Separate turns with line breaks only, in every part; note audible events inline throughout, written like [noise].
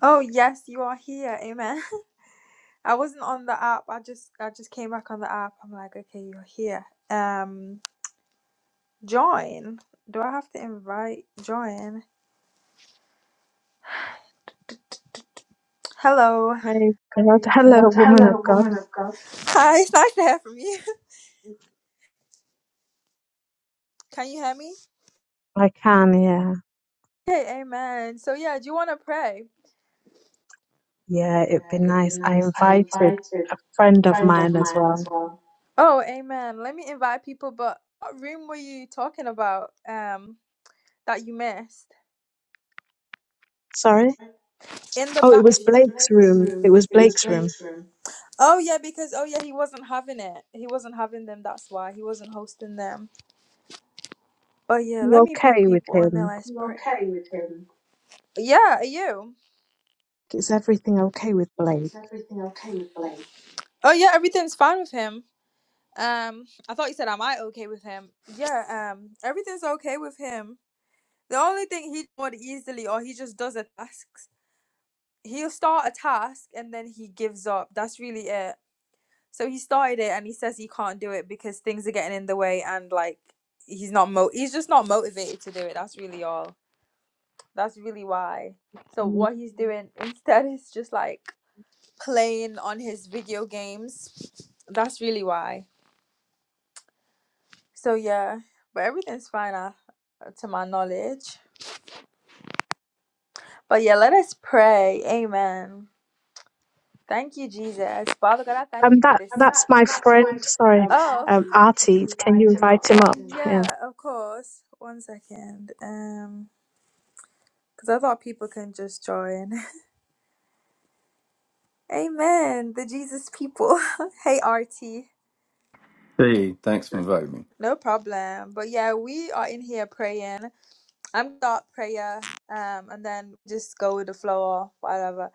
Oh yes, you are here. Amen. [laughs] I wasn't on the app. I just I just came back on the app. I'm like, okay, you're here. Um, join. Do I have to invite join? Hello.
Praise God. Hello, woman of God.
Hi, [laughs] it's nice to hear from you. [laughs] Can you hear me?
I can, yeah.
Okay, amen. So yeah, do you want to pray?
Yeah, it'd be
Be
nice. I
nice. I
invited
invited
a friend of
friend of
mine as
mine
well.
as well. Oh, amen. Let me invite people. But what room were you talking about? Um, that you missed
Sorry?
in the
Oh, it
back.
was Blake's room. It
Room.
was
It was.
Blake's room.
room. Oh yeah, because oh yeah, he wasn't having it. He wasn't having them. That's why he wasn't hosting them. But yeah, let
You
me pick
okay with
one. There,
him?
let's You pray. okay with him? Yeah, are you?
Is everything okay with Blake?
Everything okay with Blake? Oh yeah, everything's fine with him. Um, I thought you said am I okay with him? Yeah, um, everything's okay with him. The only thing he would easily, or he just does a task. He'll start a task and then he gives up. That's really it. So he started it and he says he can't do it because things are getting in the way and like he's not mo he's just not motivated to do it. That's really all. That's really why. So
Mm.
what he's doing instead is just like playing on his video games. That's really why. So yeah, but everything's fine uh, to my knowledge. But yeah, let us pray. Amen. Thank you, Jesus. Father God, I thank
Um,
you for
that
this. And
that's my
that's
friend.
my f- um,
Sorry,
Oh,
um, Artie. Can you
Write him up.
invite him up?
Mm. Yeah,
Yeah.
of course. One second. Um, because I thought people can just join. [laughs] Amen. The Jesus people. [laughs] hey, RT.
Hey, thanks for inviting
No problem. But yeah, we are in here praying. I'm gonna start prayer. Um, and then just go with the flow or whatever.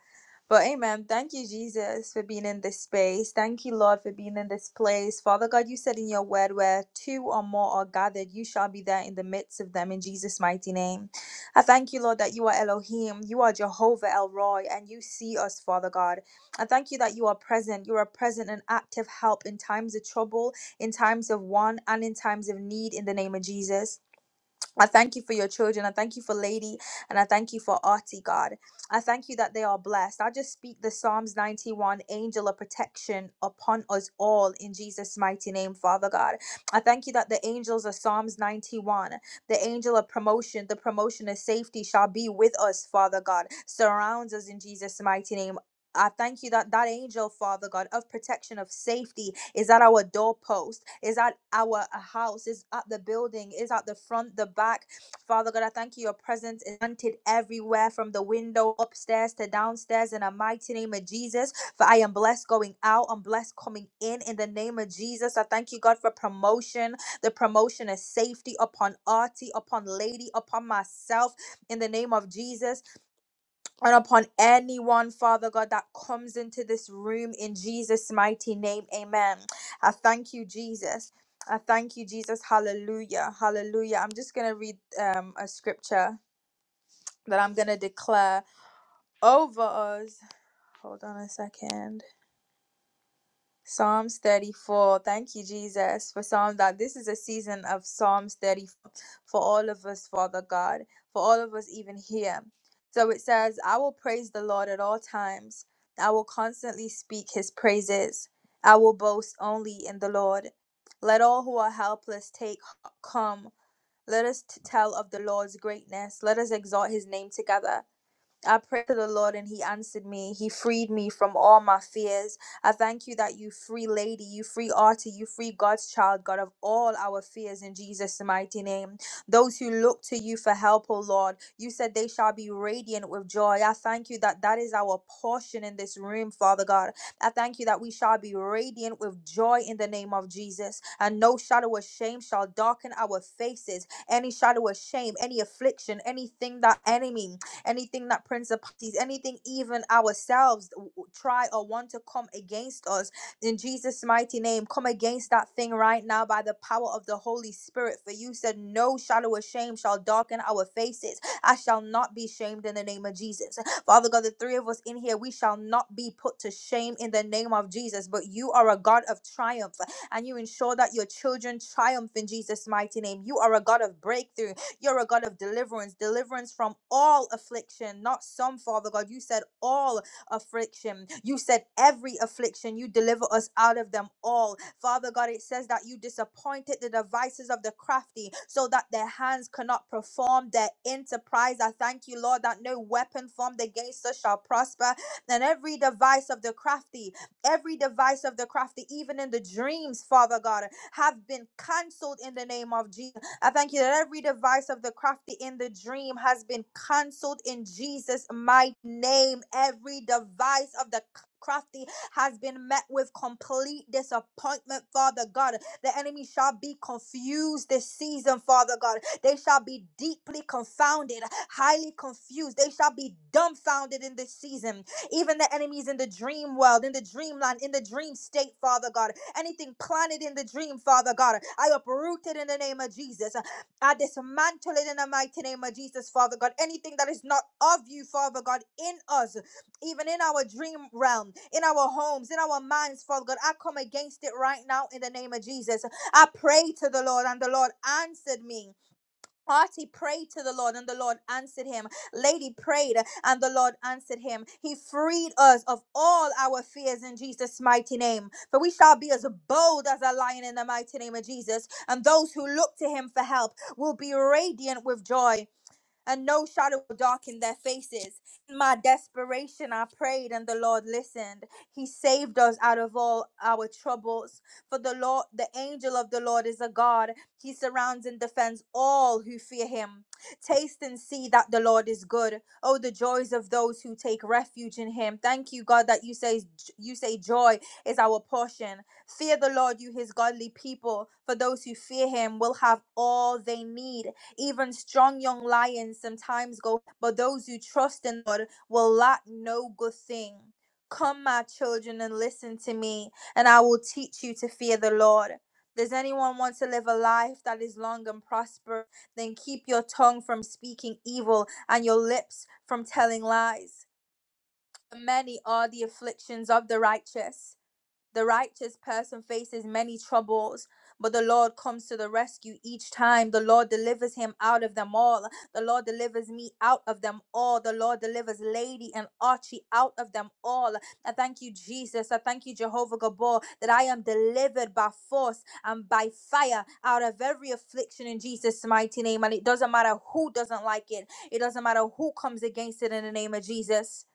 But amen. Thank you, Jesus, for being in this space. Thank you, Lord, for being in this place. Father God, you said in your word, where two or more are gathered, you shall be there in the midst of them in Jesus' mighty name. I thank you, Lord, that you are Elohim, you are Jehovah El Roy, and you see us, Father God. I thank you that you are present. You are present and active help in times of trouble, in times of want, and in times of need in the name of Jesus. I thank you for your children. I thank you for Lady and I thank you for Artie, God. I thank you that they are blessed. I just speak the Psalms 91 angel of protection upon us all in Jesus' mighty name, Father God. I thank you that the angels of Psalms 91, the angel of promotion, the promotion of safety shall be with us, Father God, surrounds us in Jesus' mighty name. I thank you that that angel, Father God, of protection, of safety, is at our doorpost, is at our uh, house, is at the building, is at the front, the back. Father God, I thank you. Your presence is wanted everywhere, from the window upstairs to downstairs. In the mighty name of Jesus, for I am blessed going out, I'm blessed coming in. In the name of Jesus, I thank you, God, for promotion, the promotion is safety upon Artie, upon Lady, upon myself. In the name of Jesus and upon anyone, Father God, that comes into this room in Jesus' mighty name. Amen. I thank you, Jesus. I thank you, Jesus. Hallelujah. Hallelujah. I'm just going to read um, a scripture that I'm going to declare over us. Hold on a second. Psalms 34. Thank you, Jesus, for Psalm that this is a season of Psalms 34 for all of us, Father God, for all of us, even here. So it says, I will praise the Lord at all times. I will constantly speak his praises. I will boast only in the Lord. Let all who are helpless take come. Let us t- tell of the Lord's greatness. Let us exalt his name together. I prayed to the Lord and He answered me. He freed me from all my fears. I thank you that you free lady, you free artie, you free God's child, God of all our fears in Jesus' mighty name. Those who look to you for help, O Lord, you said they shall be radiant with joy. I thank you that that is our portion in this room, Father God. I thank you that we shall be radiant with joy in the name of Jesus, and no shadow of shame shall darken our faces. Any shadow of shame, any affliction, anything that enemy anything that principalities, anything even ourselves try or want to come against us. In Jesus' mighty name, come against that thing right now by the power of the Holy Spirit. For you said, No shadow of shame shall darken our faces. I shall not be shamed in the name of Jesus. Father God, the three of us in here, we shall not be put to shame in the name of Jesus. But you are a God of triumph and you ensure that your children triumph in Jesus' mighty name. You are a God of breakthrough you're a God of deliverance, deliverance from all affliction, not some, Father God. You said all affliction. You said every affliction. You deliver us out of them all. Father God, it says that you disappointed the devices of the crafty so that their hands cannot perform their enterprise. I thank you, Lord, that no weapon formed against us shall prosper. And every device of the crafty, every device of the crafty, even in the dreams, Father God, have been cancelled in the name of Jesus. I thank you that every device of the crafty in the dream has been canceled in Jesus' mighty name. Every device of the c- crafty has been met with complete disappointment, Father God. The enemy shall be confused this season, Father God. They shall be deeply confounded, highly confused. They shall be dumbfounded in this season even the enemies in the dream world, in the dreamland, in the dream state, Father God. Anything planted in the dream, Father God, I uproot it in the name of Jesus. I dismantle it in the mighty name of Jesus, Father God. Anything that is not of you, Father God, in us, even in our dream realm, in our homes, in our minds, Father God, I come against it right now in the name of Jesus. I pray to the Lord, and the Lord answered me. Party prayed to the Lord and the Lord answered him. Lady prayed and the Lord answered him. He freed us of all our fears in Jesus' mighty name. For we shall be as bold as a lion in the mighty name of Jesus. And those who look to him for help will be radiant with joy and no shadow darkened their faces. In my desperation, I prayed, and the Lord listened. He saved us out of all our troubles. For the Lord, the angel of the Lord is a God. He surrounds and defends all who fear him. Taste and see that the Lord is good. Oh, the joys of those who take refuge in him. Thank you, God, that you say you say joy is our portion. Fear the Lord, you his godly people, for those who fear him will have all they need. Even strong young lions sometimes go, but those who trust in the Lord will lack no good thing. Come, my children, and listen to me, and I will teach you to fear the Lord. Does anyone want to live a life that is long and prosperous? Then keep your tongue from speaking evil and your lips from telling lies. Many are the afflictions of the righteous the righteous person faces many troubles, but the Lord comes to the rescue each time. The Lord delivers him out of them all. The Lord delivers me out of them all. The Lord delivers Lady and Archie out of them all. I thank you, Jesus. I thank you, Jehovah Gabor, that I am delivered by force and by fire out of every affliction in Jesus' mighty name. And it doesn't matter who doesn't like it, it doesn't matter who comes against it in the name of Jesus.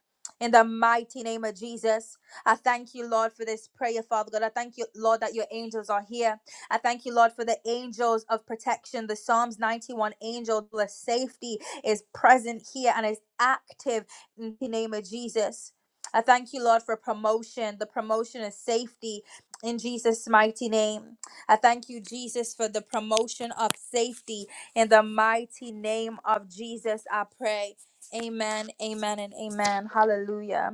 In the mighty name of Jesus. I thank you, Lord, for this prayer, Father God. I thank you, Lord, that your angels are here. I thank you, Lord, for the angels of protection. The Psalms 91 angel, the safety is present here and is active in the name of Jesus. I thank you, Lord, for promotion. The promotion is safety in Jesus' mighty name. I thank you, Jesus, for the promotion of safety in the mighty name of Jesus. I pray. Amen, amen, and amen. Hallelujah.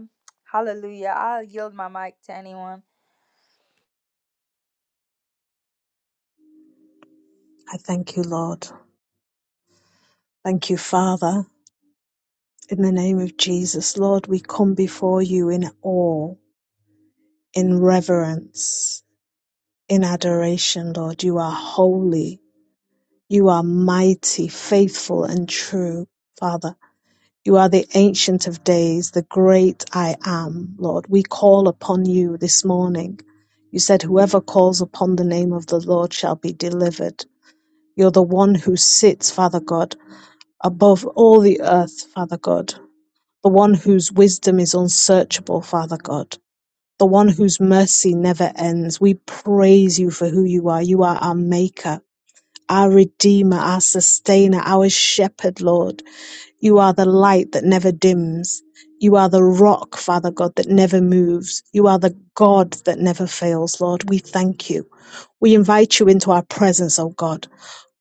Hallelujah. I'll yield my mic to anyone.
I thank you, Lord. Thank you, Father. In the name of Jesus, Lord, we come before you in awe, in reverence. in adoration, Lord. You are holy. You are mighty, faithful, and true, Father. You are the ancient of days, the great I am, Lord. We call upon you this morning. You said, Whoever calls upon the name of the Lord shall be delivered. You're the one who sits, Father God, above all the earth, Father God. The one whose wisdom is unsearchable, Father God the one whose mercy never ends. We praise you for who you are. You are our maker. our Redeemer, our Sustainer, our Shepherd, Lord. You are the light that never dims. You are the rock, Father God, that never moves. You are the God that never fails, Lord. We thank you. We invite you into our presence, O God.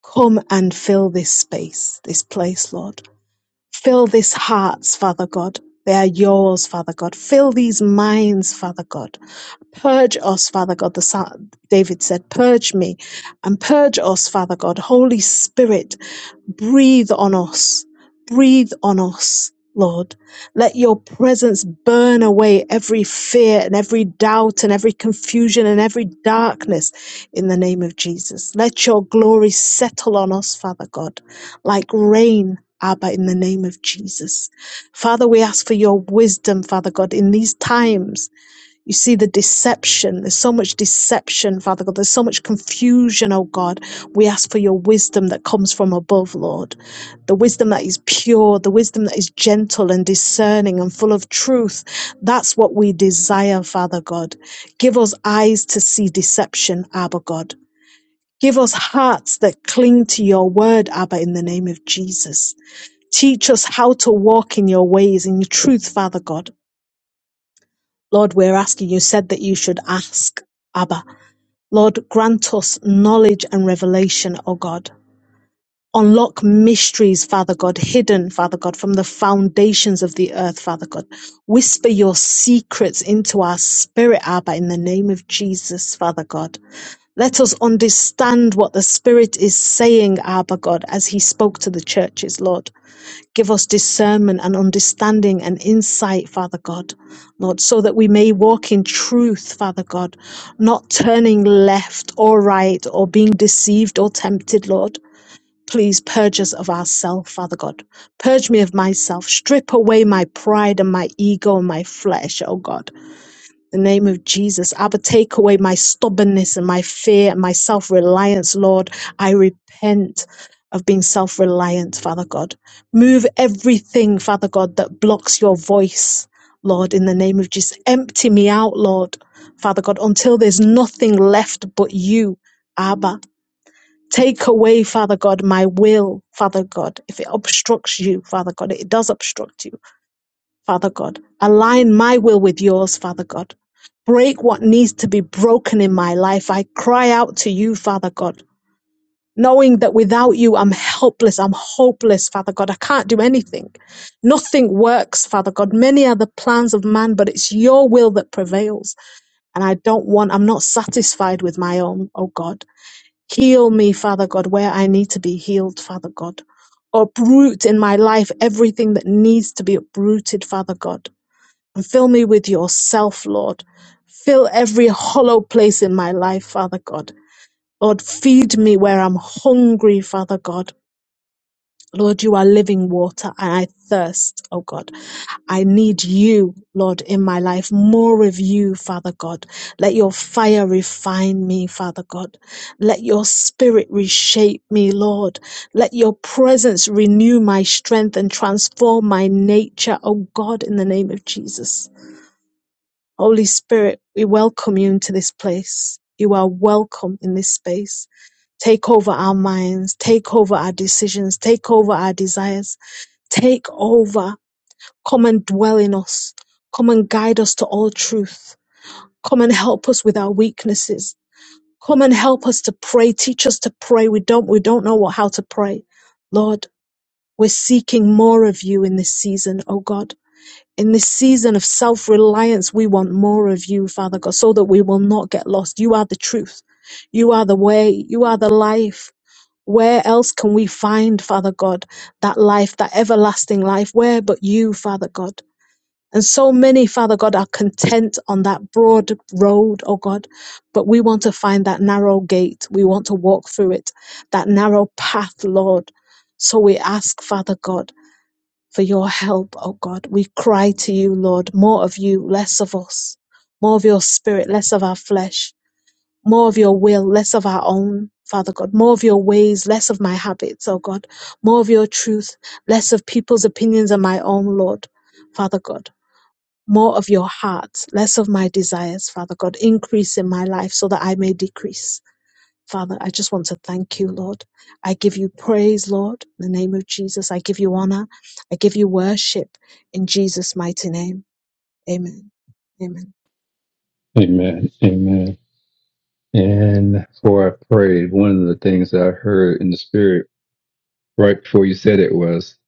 Come and fill this space, this place, Lord. Fill these hearts, Father God. They are yours, Father God. Fill these minds, Father God. Purge us, Father God. The Psa- David said, "Purge me and purge us, Father God. Holy Spirit, breathe on us. Breathe on us, Lord. Let your presence burn away every fear and every doubt and every confusion and every darkness in the name of Jesus. Let your glory settle on us, Father God, like rain. Abba, in the name of Jesus. Father, we ask for your wisdom, Father God, in these times you see the deception. There's so much deception, Father God. There's so much confusion, oh God. We ask for your wisdom that comes from above, Lord. The wisdom that is pure, the wisdom that is gentle and discerning and full of truth. That's what we desire, Father God. Give us eyes to see deception, Abba God. Give us hearts that cling to your word, Abba, in the name of Jesus. Teach us how to walk in your ways, in your truth, Father God. Lord, we're asking, you said that you should ask Abba. Lord, grant us knowledge and revelation, O God. Unlock mysteries, Father God, hidden, Father God, from the foundations of the earth, Father God. Whisper your secrets into our spirit, Abba, in the name of Jesus, Father God. Let us understand what the Spirit is saying, Abba God, as He spoke to the churches, Lord. Give us discernment and understanding and insight, Father God, Lord, so that we may walk in truth, Father God, not turning left or right or being deceived or tempted, Lord. Please purge us of ourself, Father God. Purge me of myself. Strip away my pride and my ego and my flesh, oh God the name of Jesus. Abba, take away my stubbornness and my fear and my self reliance, Lord. I repent of being self reliant, Father God. Move everything, Father God, that blocks your voice, Lord, in the name of Jesus. Empty me out, Lord, Father God, until there's nothing left but you, Abba. Take away, Father God, my will, Father God. If it obstructs you, Father God, it does obstruct you. Father God. Align my will with yours, Father God. Break what needs to be broken in my life. I cry out to you, Father God, knowing that without you, I'm helpless. I'm hopeless, Father God. I can't do anything. Nothing works, Father God. Many are the plans of man, but it's your will that prevails. And I don't want, I'm not satisfied with my own, oh God. Heal me, Father God, where I need to be healed, Father God. Uproot in my life everything that needs to be uprooted, Father God and fill me with yourself, Lord. Fill every hollow place in my life, Father God. Lord, feed me where I'm hungry, Father God. Lord, you are living water and I thirst, oh God. I need you, Lord, in my life. More of you, Father God. Let your fire refine me, Father God. Let your spirit reshape me, Lord. Let your presence renew my strength and transform my nature, oh God, in the name of Jesus. Holy Spirit, we welcome you into this place. You are welcome in this space. Take over our minds, take over our decisions, take over our desires, take over. Come and dwell in us. Come and guide us to all truth. Come and help us with our weaknesses. Come and help us to pray. Teach us to pray. We don't, we don't know what, how to pray. Lord, we're seeking more of you in this season, oh God in this season of self reliance, we want more of you, Father God, so that we will not get lost. You are the truth. You are the way. You are the life. Where else can we find, Father God, that life, that everlasting life? Where but you, Father God? And so many, Father God, are content on that broad road, oh God, but we want to find that narrow gate. We want to walk through it, that narrow path, Lord. So we ask, Father God for your help, oh God. We cry to you, Lord, more of you, less of us, more of your spirit, less of our flesh, more of your will, less of our own, Father God, more of your ways, less of my habits, oh God, more of your truth, less of people's opinions and my own, Lord, Father God. More of your heart, less of my desires, Father God. Increase in my life so that I may decrease Father, I just want to thank you, Lord. I give you praise, Lord, in the name of Jesus. I give you honor. I give you worship in Jesus' mighty name. Amen. Amen.
me. Amen. Amen. And before I prayed, one of the things that I heard in the spirit right before you said it was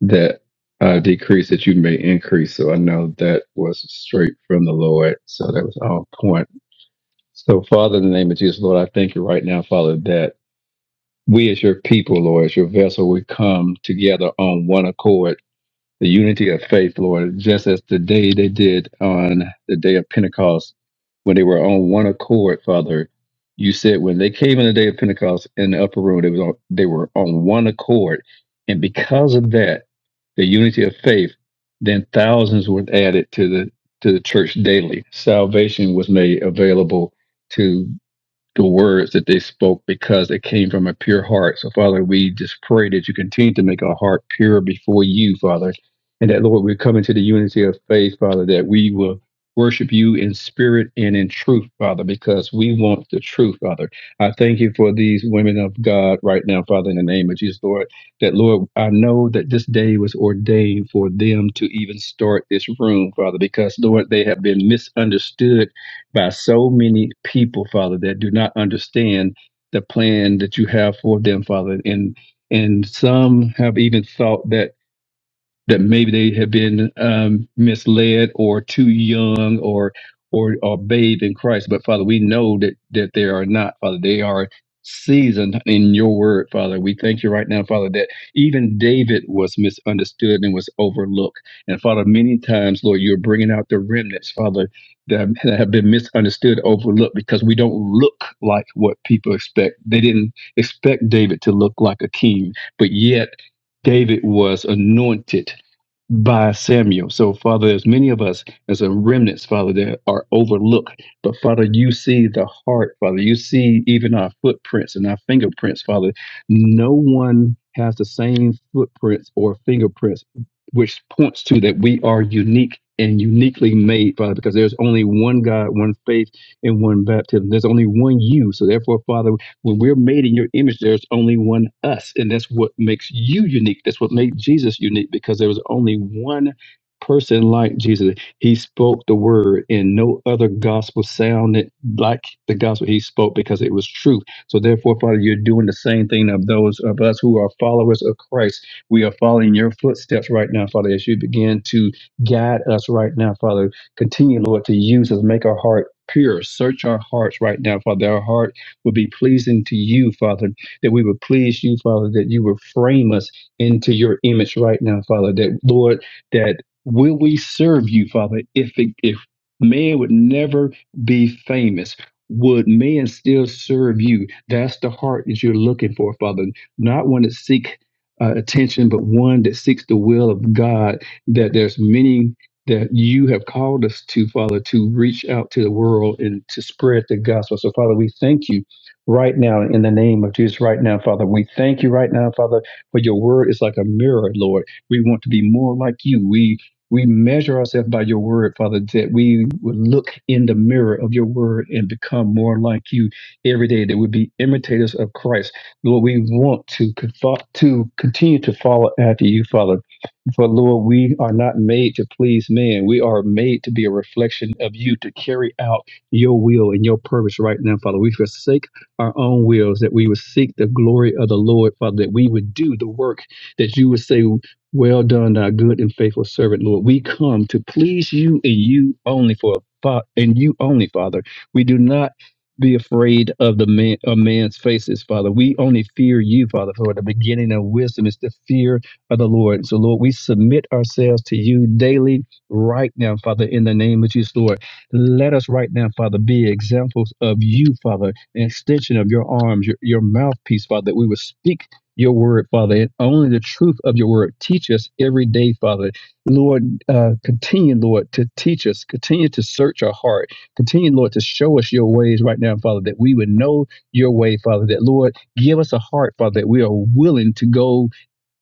that I decrease that you may increase. So I know that was straight from the Lord. So that was on point. So, Father, in the name of Jesus, Lord, I thank you right now, Father, that we as your people, Lord, as your vessel, we come together on one accord the unity of faith, Lord, just as the day they did on the day of Pentecost when they were on one accord, Father. You said when they came in the day of Pentecost in the upper room, they was on, they were on one accord, and because of that, the unity of faith, then thousands were added to the to the church daily. Salvation was made available to the words that they spoke because it came from a pure heart. So, Father, we just pray that you continue to make our heart pure before you, Father. And that, Lord, we come into the unity of faith, Father, that we will worship you in spirit and in truth, Father, because we want the truth, Father. I thank you for these women of God right now, Father, in the name of Jesus, Lord. That, Lord, I know that this day was ordained for them to even start this room, Father, because, Lord, they have been misunderstood by so many people, Father, that do not understand the plan that you have for them, Father. And and some have even thought that that maybe they have been um, misled or too young or or or bathed in Christ. But Father, we know that that they are not, Father. They are seasoned in your word, Father. We thank you right now, Father, that even David was misunderstood and was overlooked. And Father, many times, Lord, you're bringing out the remnants, Father, that have that have been misunderstood, overlooked, because we don't look like what people expect. They didn't expect David to look like a king, but yet David was anointed by Samuel. So, Father, there's many of us as a remnants, Father, that are overlooked. But, Father, you see the heart, Father. You see even our footprints and our fingerprints, Father. No one has the same footprints or fingerprints, which points to that we are unique and uniquely made, Father, because there's only one God, one faith, and one baptism. There's only one you. So, therefore, Father, when we're made in your image, there's only one us, and that's what makes you unique. That's what made Jesus unique because there was only one person like Jesus. He spoke the word, and no other gospel sounded like the gospel he spoke because it was truth. So, therefore, Father, you're doing the same thing of those of us who are followers of Christ. We are following your footsteps right now, Father, as you begin to guide us right now, Father. Continue, Lord, to use us, make our heart pure. Search our hearts right now, Father. Our heart would be pleasing to you, Father, that we would please you, Father, that you would frame us into your image right now, Father, that Lord, that will we serve you, Father, if it, if man would never be famous, would man still serve you? That's the heart that you're looking for, Father, not one that seek uh, attention, but one that seeks the will of God, that there's many that you have called us to, Father, to reach out to the world and to spread the gospel. So, Father, we thank you right now in the name of Jesus right now, Father. We thank you right now, Father, for your word is like a mirror, Lord. We want to be more like you. We we measure ourselves by your word, Father, that we would look in the mirror of your word and become more like you every day, that we be imitators of Christ. Lord, we want to, confo- to continue to follow after you, Father. For Lord, we are not made to please man. We are made to be a reflection of you, to carry out your will and your purpose right now, Father. We forsake our own wills, that we would seek the glory of the Lord, Father, that we would do the work that you would say, Well done, thou good and faithful servant, Lord. We come to please you and you only for Fa- and you only, Father. We do not be afraid of the man of man's faces, Father. We only fear you, Father, for the beginning of wisdom is the fear of the Lord. So, Lord, we submit ourselves to you daily right now, Father, in the name of Jesus, Lord. Let us right now, Father, be examples of you, Father, an extension of your arms, your, your mouthpiece, Father, that we would speak your word, Father, and only the truth of your word. Teach us every day, Father. Lord, uh, continue, Lord, to teach us, continue to search our heart, continue, Lord, to show us your ways right now, Father, that we would know your way, Father, that, Lord, give us a heart, Father, that we are willing to go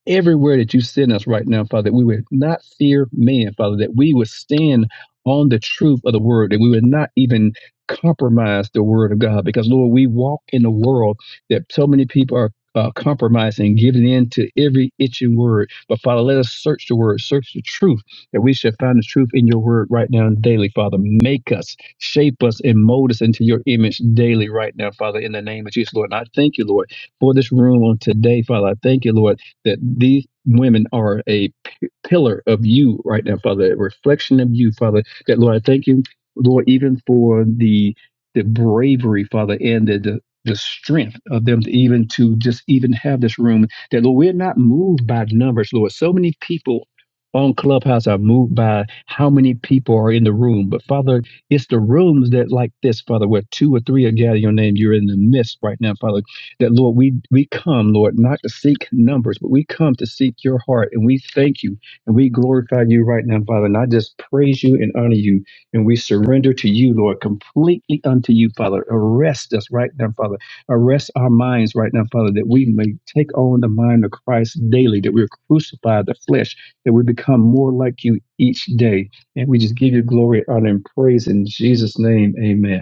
everywhere that you send us right now, Father, that we would not fear man, Father, that we would stand on the truth of the word, that we would not even compromise the word of God. Because, Lord, we walk in a world that so many people are. Uh, compromising, giving in to every itching word. But Father, let us search the word, search the truth, that we should find the truth in your word right now and daily, Father. Make us, shape us, and mold us into your image daily right now, Father, in the name of Jesus, Lord. And I thank you, Lord, for this room on today, Father. I thank you, Lord, that these women are a p- pillar of you right now, Father, a reflection of you, Father. That Lord, I thank you, Lord, even for the the bravery, Father, and the, the the strength of them to even to just even have this room. That Lord, we're not moved by numbers, Lord. So many people on Clubhouse are moved by how many people are in the room. But Father, it's the rooms that like this, Father, where two or three are gathering your name. You're in the midst right now, Father. That Lord, we we come, Lord, not to seek numbers, but we come to seek your heart. And we thank you and we glorify you right now, Father. And I just praise you and honor you. And we surrender to you, Lord, completely unto you, Father. Arrest us right now, Father. Arrest our minds right now, Father, that we may take on the mind of Christ daily, that we crucify the flesh, that we become more like you each day. And we just give you glory, honor, and praise in Jesus' name. Amen.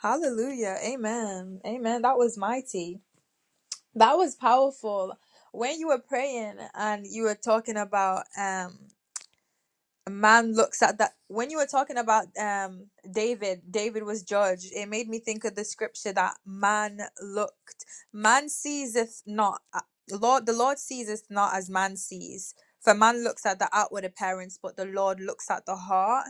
Hallelujah. Amen. Amen. That was mighty. That was powerful. When you were praying and you were talking about um a man looks at that when you were talking about um David, David was judged. It made me think of the scripture that man looked. Man seeseth not uh, Lord the Lord seeseth not as man sees. For man looks at the outward appearance, but the Lord looks at the heart.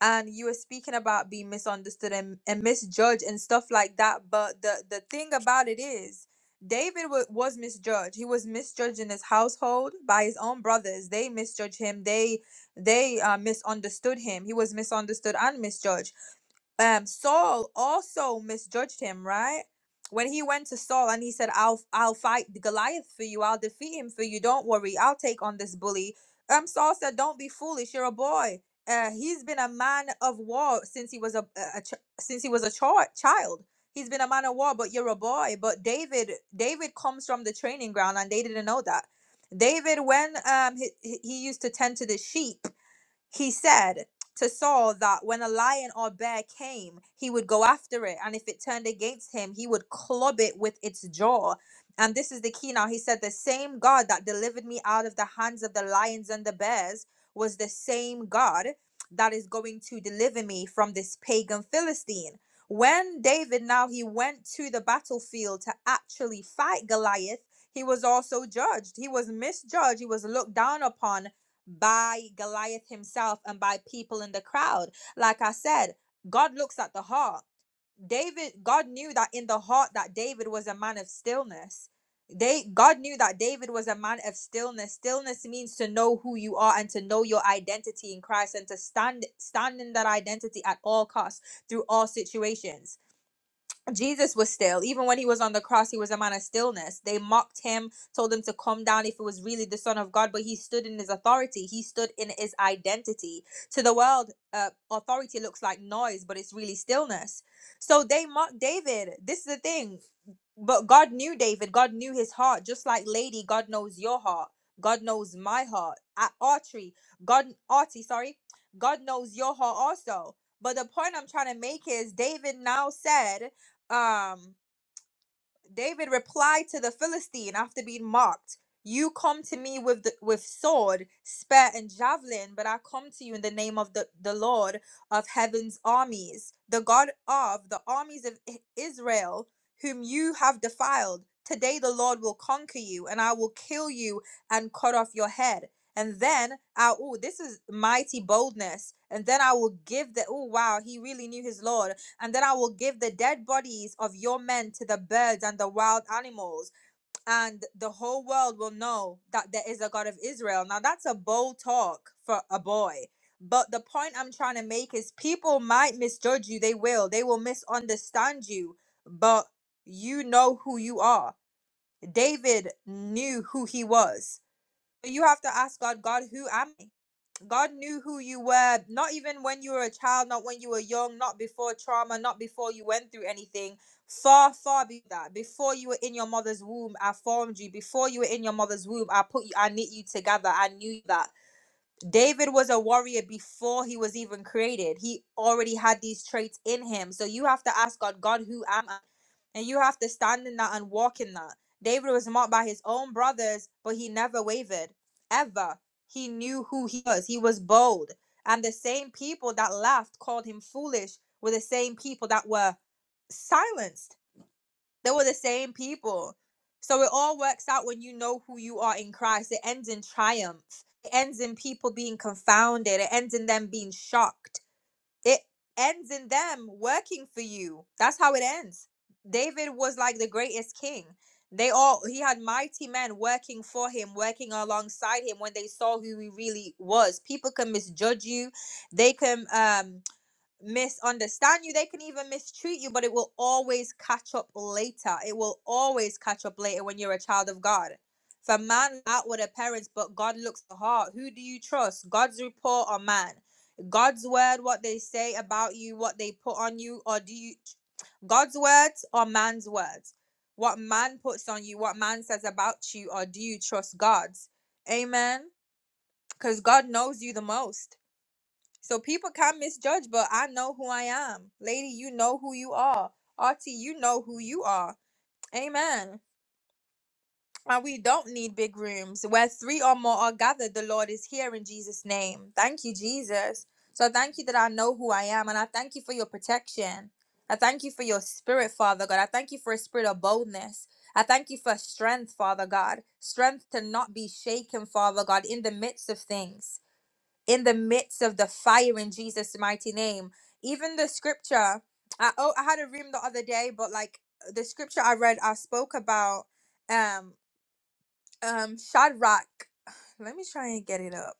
and you were speaking about being misunderstood and, and misjudged and stuff like that but the the thing about it is david wa was misjudged he was misjudged in his household by his own brothers they misjudged him they they uh, misunderstood him he was misunderstood and misjudged um Saul also misjudged him, right? When he went to Saul and he said, "I'll I'll fight Goliath for you. I'll defeat him for you. Don't worry. I'll take on this bully." Um Saul said, "Don't be foolish. You're a boy. Uh he's been a man of war since he was a, a, a ch- since he was a chi- child. He's been a man of war, but you're a boy. But David David comes from the training ground and they didn't know that. David when um he, he he used to tend to the sheep he said to Saul that when a lion or bear came, he would go after it, and if it turned against him, he would club it with its jaw. And this is the key now. He said, The same God that delivered me out of the hands of the lions and the bears was the same God that is going to deliver me from this pagan Philistine. When David now he went to the battlefield to actually fight Goliath, he was also judged. He was misjudged. He was looked down upon by Goliath himself and by people in the crowd. Like I said, God looks at the heart. David, God knew that in the heart that David was a man of stillness. They God knew that David was a man of stillness. Stillness means to know who you are and to know your identity in Christ and to stand stand in that identity at all costs through all situations. Jesus was still. Even when he was on the cross, he was a man of stillness. They mocked him, told him to come down if it was really the Son of God, but he stood in his authority. He stood in his identity. To the world, uh, authority looks like noise, but it's really stillness. So they mocked David. This is the thing but God knew David. God knew his heart. Just like Lady, God knows your heart. God knows my heart. At Archery, God Artie, sorry, God knows your heart also. But the point I'm trying to make is David now said, um, David replied to the Philistine after being mocked, "You come to me with the, with sword, spear, and javelin, but I come to you in the name of the, the Lord of heaven's armies, the God of the armies of I- Israel, whom you have defiled. Today the Lord will conquer you, and I will kill you and cut off your head." And then, I, oh, this is mighty boldness. And then I will give the, oh, wow, he really knew his Lord. And then I will give the dead bodies of your men to the birds and the wild animals, and the whole world will know that there is a God of Israel. Now, that's a bold talk for a boy. But the point I'm trying to make is people might misjudge you. They will. They will misunderstand you. But you know who you are. David knew who he was. So You have to ask God, God, who am I? God knew who you were, not even when you were a child, not when you were young, not before trauma, not before you went through anything. Far, far be that. Before you were in your mother's womb, I formed you. Before you were in your mother's womb, I put you, I knit you together. I knew that. David was a warrior before he was even created. He already had these traits in him. So you have to ask God, God, who am I? And you have to stand in that and walk in that. David was mocked by his own brothers, but he never wavered, ever. He knew who he was. He was bold. And the same people that laughed called him foolish were the same people that were silenced they were the same people. So it all works out when you know who you are in Christ. It ends in triumph. It ends in people being confounded. It ends in them being shocked. It ends in them working for you. That's how it ends. David was like the greatest king. They all he had mighty men working for him, working alongside him when they saw who he really was. People can misjudge you. They can um misunderstand you they can even mistreat you but it will always catch up later it will always catch up later when you're a child of god for man out with the parents but god looks the heart who do you trust god's report or man god's word what they say about you what they put on you or do you god's words or man's words what man puts on you what man says about you or do you trust god's amen because god knows you the most so people can misjudge, but I know who I am. Lady, you know who you are. Artie. you know who you are. Amen. And we don't need big rooms. Where three or more are gathered, the Lord is here in Jesus' name. Thank you, Jesus. So thank you that I know who I am. And I thank you for your protection. I thank you for your spirit, Father God. I thank you for a spirit of boldness. I thank you for strength, Father God. Strength to not be shaken, Father God, in the midst of things in the midst of the fire in Jesus' mighty name. Even the scripture, I, oh, I had a room the other day, but like the scripture I read, I spoke about um um Shadrach. [sighs] Let me try and get it up.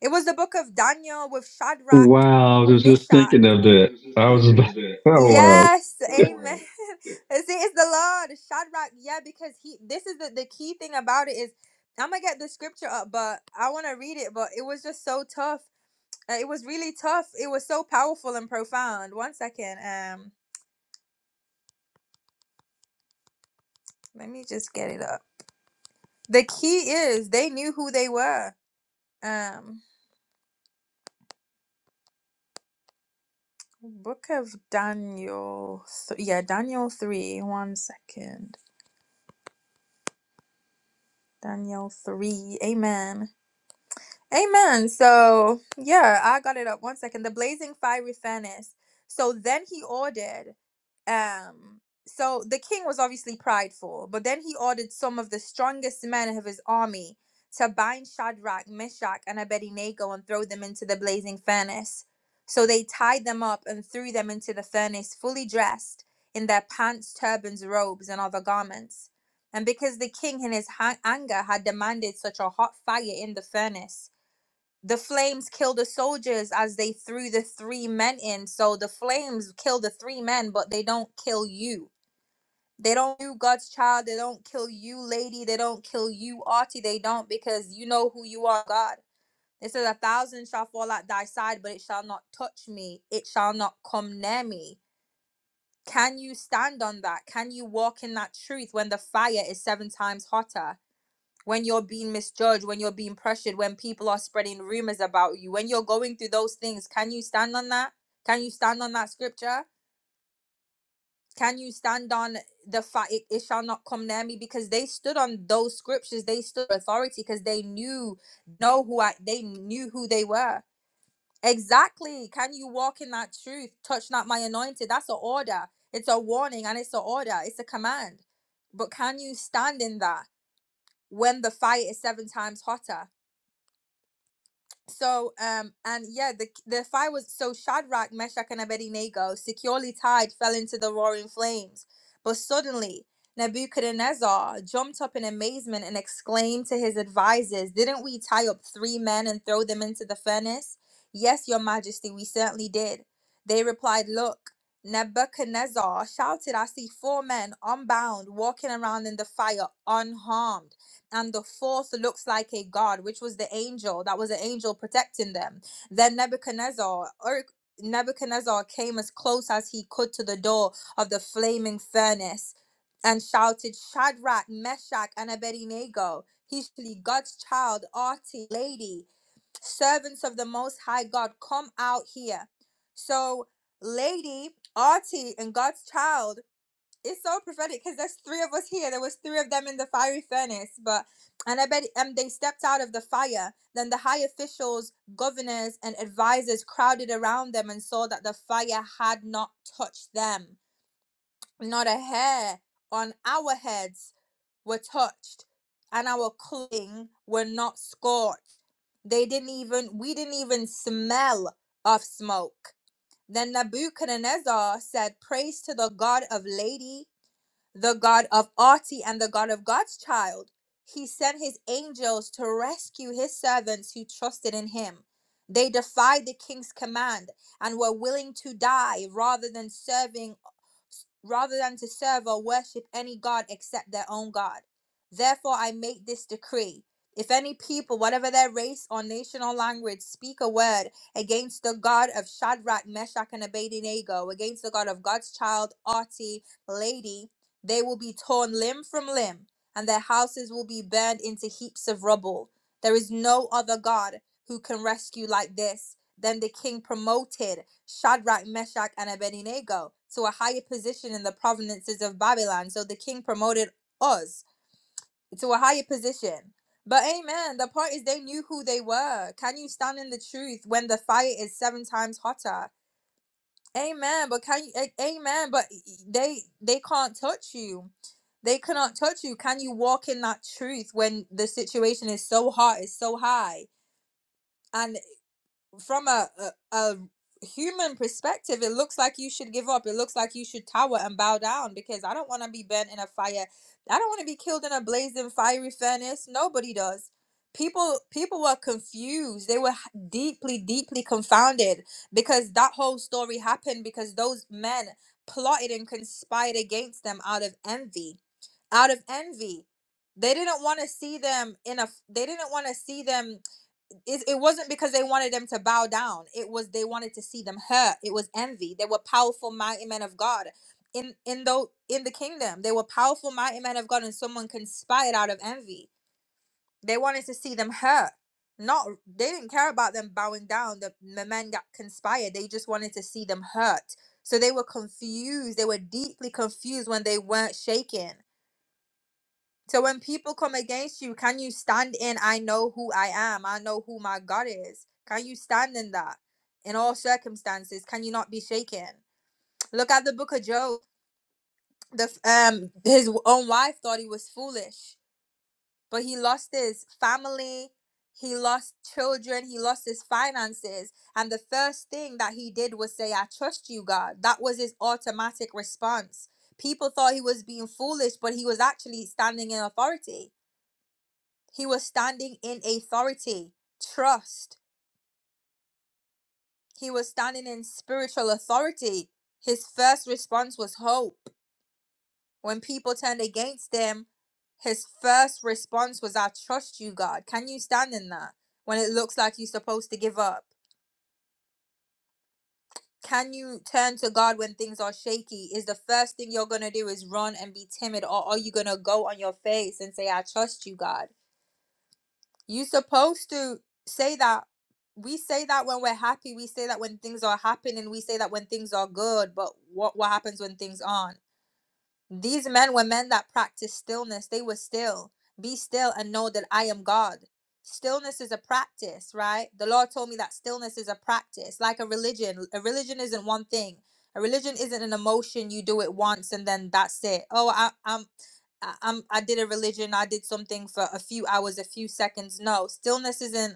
It was the book of Daniel with Shadrach,
Wow, I was just
Meshach.
thinking of
Wow, I
that.
was just
I was
thinking
about,
of it.
[laughs] oh wow.
Yes, Wow. amen. [laughs] See, it's the Lord, Shadrach. Yeah, because he. This is the the key thing about it is I'm gonna get the scripture up, but I want to read it. But it was just so tough uh, it was really tough. It was so powerful and profound. One second. Um, let me just get it up. The key is they knew who they were. Um, Book of Daniel. Th- yeah, Daniel three. One second. Daniel three. Amen. Amen. So, yeah, I got it up. One second. The blazing fiery furnace. So then he ordered, um, so the king was obviously prideful, but then he ordered some of the strongest men of his army to bind Shadrach, Meshach, and Abednego and throw them into the blazing furnace. So they tied them up and threw them into the furnace, fully dressed in their pants, turbans, robes, and other garments. And because the king in his ha- anger had demanded such a hot fire in the furnace, the flames killed the soldiers as they threw the three men in. So the flames kill the three men, but they don't kill you. They don't do God's child. They don't kill you, lady. They don't kill you, Artie. They don't because you know who you are, God. It says a thousand shall fall at thy side, but it shall not touch me. It shall not come near me. Can you stand on that? Can you walk in that truth when the fire is seven times hotter? when you're being misjudged, when you're being pressured, when people are spreading rumors about you, when you're going through those things, can you stand on that? Can you stand on that scripture? Can you stand on the fact it, it shall not come near me? Because they stood on those scriptures, they stood authority because they knew know who I they knew who they were. Exactly. Can you walk in that truth? Touch not my anointed. That's an order. It's a warning and it's an order. It's a command. But can you stand in that when the fire is seven times hotter? So, um, and yeah, the the fire was so Shadrach, Meshach, and Abednego, securely tied, fell into the roaring flames. But suddenly, Nebuchadnezzar jumped up in amazement and exclaimed to his advisors, "Didn't we tie up three men and throw them into the furnace?" "Yes, your majesty, we certainly did." They replied, "Look." Nebuchadnezzar shouted, I see four men unbound walking around in the fire unharmed and the fourth looks like a god, which was the angel that was an angel protecting them. Then Nebuchadnezzar or Nebuchadnezzar came as close as he could to the door of the flaming furnace and shouted, Shadrach, Meshach, and Abednego, he's God's child, Artie, lady, servants of the Most High God, come out here. So, lady, Artie, and God's child it's so prophetic because there's three of us here. There was three of them in the fiery furnace, but and I bet um they stepped out of the fire. Then the high officials, governors, and advisors crowded around them and saw that the fire had not touched them. Not a hair on our heads were touched, and our clothing were not scorched. They didn't even we didn't even smell of smoke. Then Nebuchadnezzar said, Praise to the God of Lady the God of Arti and the God of God's child. He sent his angels to rescue his servants who trusted in him. They defied the king's command and were willing to die rather than serving rather than to serve or worship any god except their own God. Therefore, I make this decree. If any people, whatever their race or nation or language, speak a word against the God of Shadrach, Meshach, and Abednego, against the God of God's child, Arti, Lady, they will be torn limb from limb, and their houses will be burned into heaps of rubble. There is no other God who can rescue like this then the king promoted Shadrach, Meshach, and Abednego to a higher position in the provinces of Babylon. So the king promoted us to a higher position. But amen, the point is they knew who they were. Can you stand in the truth when the fire is seven times hotter? Amen. But can you a- amen, but they they can't touch you. They cannot touch you. Can you walk in that truth when the situation is so hot, it's so high? and? from a, a a human perspective, it looks like you should give up. It looks like you should tower and bow down because I don't want to be burnt in a fire. I don't want to be killed in a blazing fiery furnace. Nobody does. People people were confused. They were h- deeply deeply confounded because that whole story happened because those men plotted and conspired against them out of envy. Out of envy. They didn't want to see them in a they didn't want to see them it, it wasn't because they wanted them to bow down it was they wanted to see them hurt it was envy they were powerful mighty men of god in in though in the kingdom they were powerful mighty men of god and someone conspired out of envy they wanted to see them hurt not they didn't care about them bowing down the, the men got conspired they just wanted to see them hurt so they were confused they were deeply confused when they weren't shaken so when people come against you, can you stand in I know who I am, I know who my God is? Can you stand in that in all circumstances? Can you not be shaken? Look at the book of Job. The f- um his own wife thought he was foolish, but he lost his family, he lost children, he lost his finances, and the first thing that he did was say, "I trust you, God." That was his automatic response. People thought he was being foolish, but he was actually standing in authority He was standing in authority, trust. He was standing in spiritual authority. His first response was hope. When people turned against him, his first response was, I trust you, God. Can you stand in that? When it looks like you're supposed to give up? Can you turn to God when things are shaky? Is the first thing you're going to do is run and be timid? Or are you going to go on your face and say, I trust you, God? You are supposed to say that. We say that when we're happy. We say that when things are happening. We say that when things are good. But what what happens when things aren't? These men were men that practiced stillness. They were still. Be still and know that I am God. Stillness is a practice, right? The Lord told me that stillness is a practice, like a religion. A religion isn't one thing. A religion isn't an emotion you do it once and then that's it. Oh, I, I'm, I- I'm, I did a religion. I did something for a few hours, a few seconds. No, stillness isn't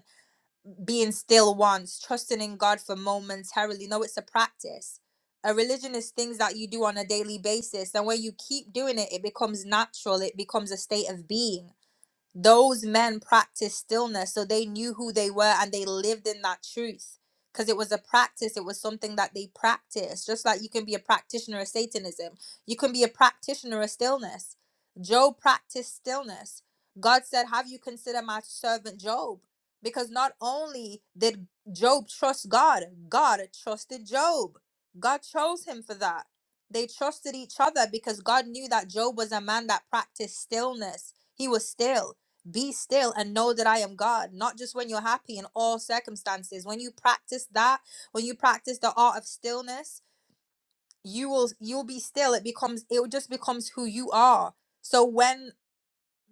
being still once, trusting in God for momentarily. No, it's a practice. A religion is things that you do on a daily basis. And when you keep doing it, it becomes natural, it becomes a state of being those men practiced stillness so they knew who they were and they lived in that truth because it was a practice it was something that they practiced just like you can be a practitioner of satanism you can be a practitioner of stillness job practiced stillness god said have you considered my servant job because not only did job trust god god trusted job god chose him for that they trusted each other because god knew that job was a man that practiced stillness he was still be still and know that I am God, not just when you're happy in all circumstances. When you practice that, when you practice the art of stillness, you will you'll be still. It becomes it just becomes who you are. So when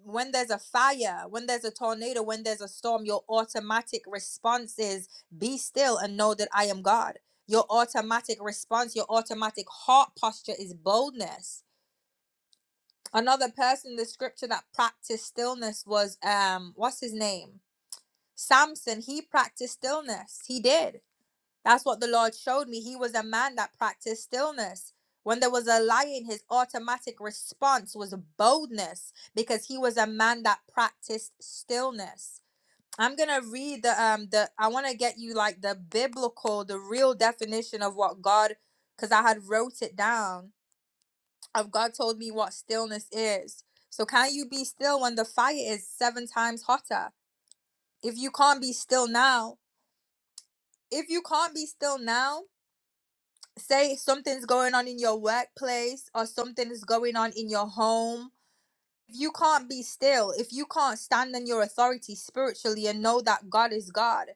when there's a fire, when there's a tornado, when there's a storm, your automatic response is be still and know that I am God. Your automatic response, your automatic heart posture is boldness. Another person in the scripture that practiced stillness was um what's his name? Samson, he practiced stillness. He did. That's what the Lord showed me. He was a man that practiced stillness. When there was a lion, his automatic response was boldness because he was a man that practiced stillness. I'm gonna read the um the I want to get you like the biblical, the real definition of what God, because I had wrote it down. Of God told me what stillness is. So can you be still when the fire is seven times hotter? If you can't be still now, if you can't be still now, say something's going on in your workplace or something is going on in your home if you can't be still, if you can't stand in your authority spiritually and know that God is God,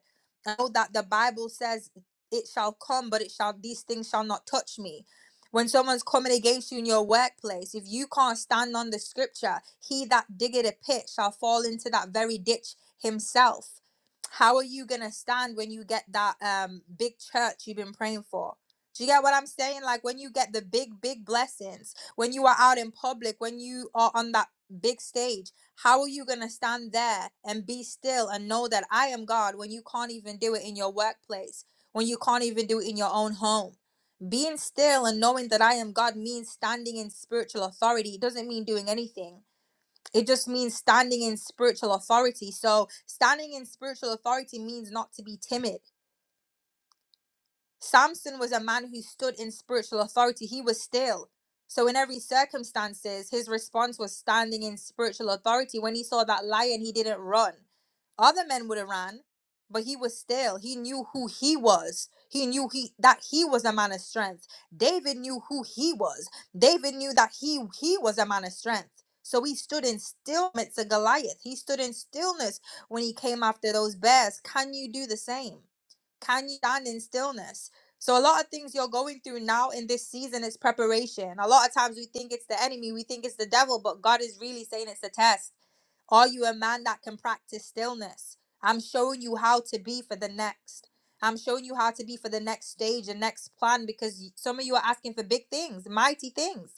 and know that the Bible says it shall come, but it shall these things shall not touch me. When someone's coming against you in your workplace, if you can't stand on the scripture, he that diggeth a pit shall fall into that very ditch himself. How are you gonna stand when you get that um big church you've been praying for? Do you get what I'm saying? Like when you get the big, big blessings, when you are out in public, when you are on that big stage how are you going to stand there and be still and know that i am god when you can't even do it in your workplace when you can't even do it in your own home being still and knowing that i am god means standing in spiritual authority it doesn't mean doing anything it just means standing in spiritual authority so standing in spiritual authority means not to be timid Samson was a man who stood in spiritual authority. He was still. So in every circumstances, his response was standing in spiritual authority. When he saw that lion, he didn't run. Other men would have ran, but he was still. He knew who he was. He knew he that he was a man of strength. David knew who he was. David knew that he he was a man of strength. So he stood in stillness to Goliath. He stood in stillness when he came after those bears. Can you do the same? Can you stand in stillness? So a lot of things you're going through now in this season is preparation. A lot of times we think it's the enemy, we think it's the devil, but God is really saying it's a test. Are you a man that can practice stillness? I'm showing you how to be for the next. I'm showing you how to be for the next stage and next plan because some of you are asking for big things, mighty things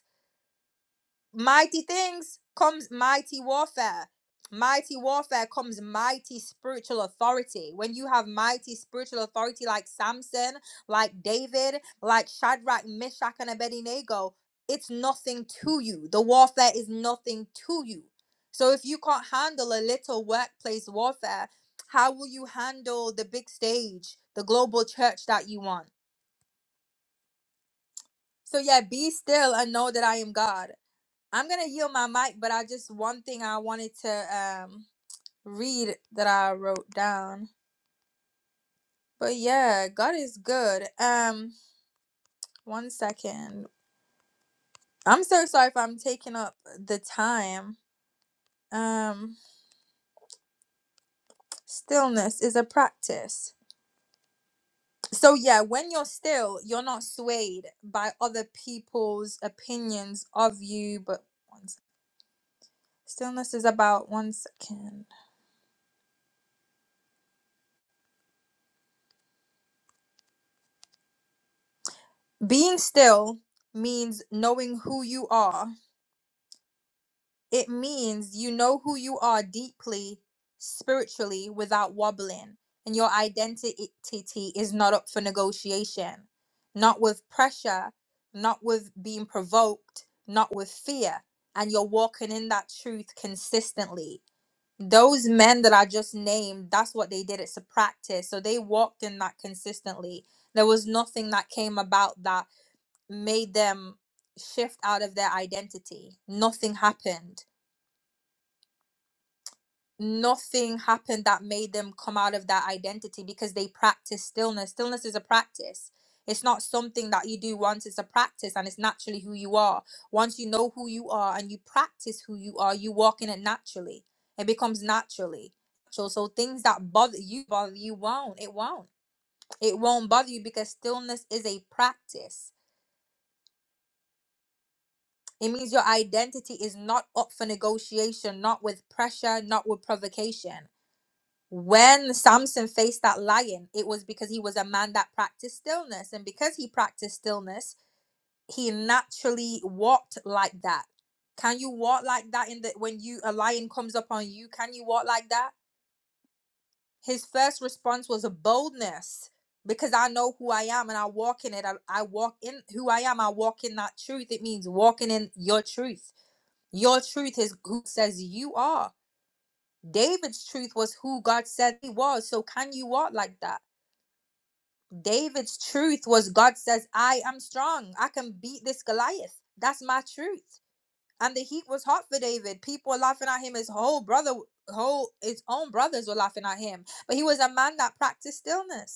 mighty things comes mighty warfare mighty warfare comes mighty spiritual authority when you have mighty spiritual authority like samson like david like shadrach meshach and abednego it's nothing to you the warfare is nothing to you so if you can't handle a little workplace warfare how will you handle the big stage the global church that you want so yeah be still and know that i am god I'm gonna yield my mic, but I just one thing I wanted to um read that I wrote down. But yeah, God is good. Um, one second. I'm so sorry if I'm taking up the time. Um, stillness is a practice. So yeah, when you're still, you're not swayed by other people's opinions of you. But one sec- stillness is about one second. Being still means knowing who you are It means you know who you are deeply, spiritually, without wobbling, and your identity is not up for negotiation. Not with pressure, not with being provoked, not with fear, and you're walking in that truth consistently. Those men that I just named, that's what they did. It's a practice. So they walked in that consistently. There was nothing that came about that made them shift out of their identity. Nothing happened nothing happened that made them come out of that identity because they practice stillness. Stillness is a practice. It's not something that you do once, it's a practice and it's naturally who you are. Once you know who you are and you practice who you are, you walk in it naturally. It becomes naturally. So, so things that bother you bother you won't. It won't. It won't bother you because stillness is a practice. It means your identity is not up for negotiation, not with pressure, not with provocation when Samson faced that lion, it was because he was a man that practiced stillness. And because he practiced stillness, he naturally walked like that. Can you walk like that in the when you a lion comes up on you? Can you walk like that? His first response was a boldness because I know who I am and I walk in it. I, I walk in who I am. I walk in that truth. It means walking in your truth. Your truth is who says you are. David's truth was who God said he was. So can you walk like that? David's truth was God says, I am strong. I can beat this Goliath. That's my truth. And the heat was hot for David. People were laughing at him. His whole brother, whole his own brothers were laughing at him. But he was a man that practiced stillness.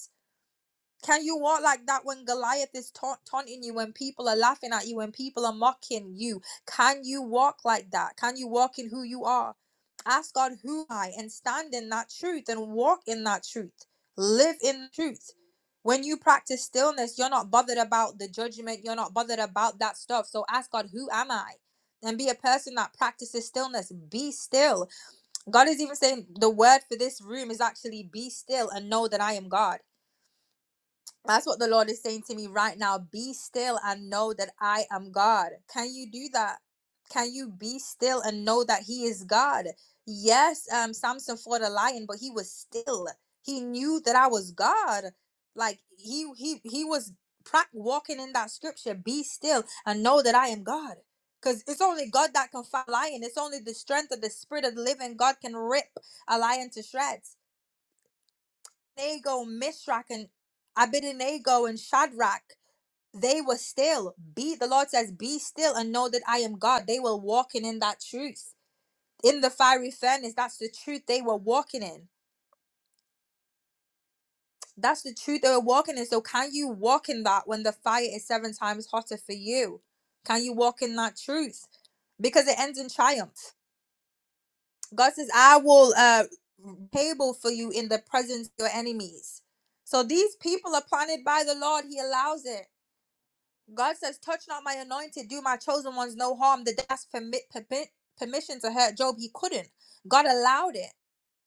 Can you walk like that when Goliath is taunt- taunting you, when people are laughing at you, when people are mocking you? Can you walk like that? Can you walk in who you are? Ask God who am I and stand in that truth and walk in that truth. Live in truth. When you practice stillness, you're not bothered about the judgment, you're not bothered about that stuff. So ask God, who am I? And be a person that practices stillness. Be still. God is even saying the word for this room is actually be still and know that I am God that's what the Lord is saying to me right now. Be still and know that I am God. Can you do that? Can you be still and know that He is God? Yes, um, Samson fought a lion, but he was still. He knew that I was God. Like he he he was pra- walking in that scripture. Be still and know that I am God. Because it's only God that can fight a lion. It's only the strength of the Spirit of the Living God can rip a lion to shreds. Abednego, Mishrak, and Abednego and Shadrach, they were still. Be the Lord says, be still and know that I am God. They were walking in that truth. In the fiery furnace, that's the truth they were walking in. That's the truth they were walking in. So can you walk in that when the fire is seven times hotter for you? Can you walk in that truth? Because it ends in triumph. God says, I will uh table for you in the presence of your enemies. So these people are planted by the Lord. He allows it. God says, "Touch not my anointed, do my chosen ones no harm." The that's permit, permit permission to hurt Job. He couldn't. God allowed it.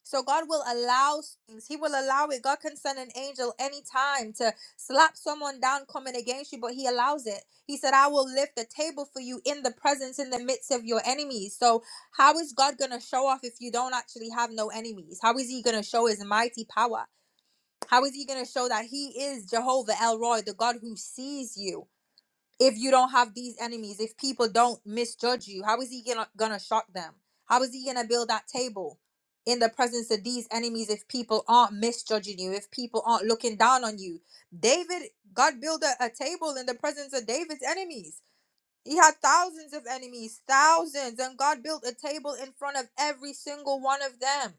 So God will allow things. He will allow it. God can send an angel anytime to slap someone down coming against you, but He allows it. He said, "I will lift a table for you in the presence, in the midst of your enemies." So how is God gonna show off if you don't actually have no enemies? How is He gonna show His mighty power? How is He gonna show that He is Jehovah El Roy, the God who sees you? if you don't have these enemies, if people don't misjudge you, how is he gonna, gonna shock them? How is he gonna build that table in the presence of these enemies if people aren't misjudging you, if people aren't looking down on you? David, God built a, a table in the presence of David's enemies. He had thousands of enemies, thousands, and God built a table in front of every single one of them.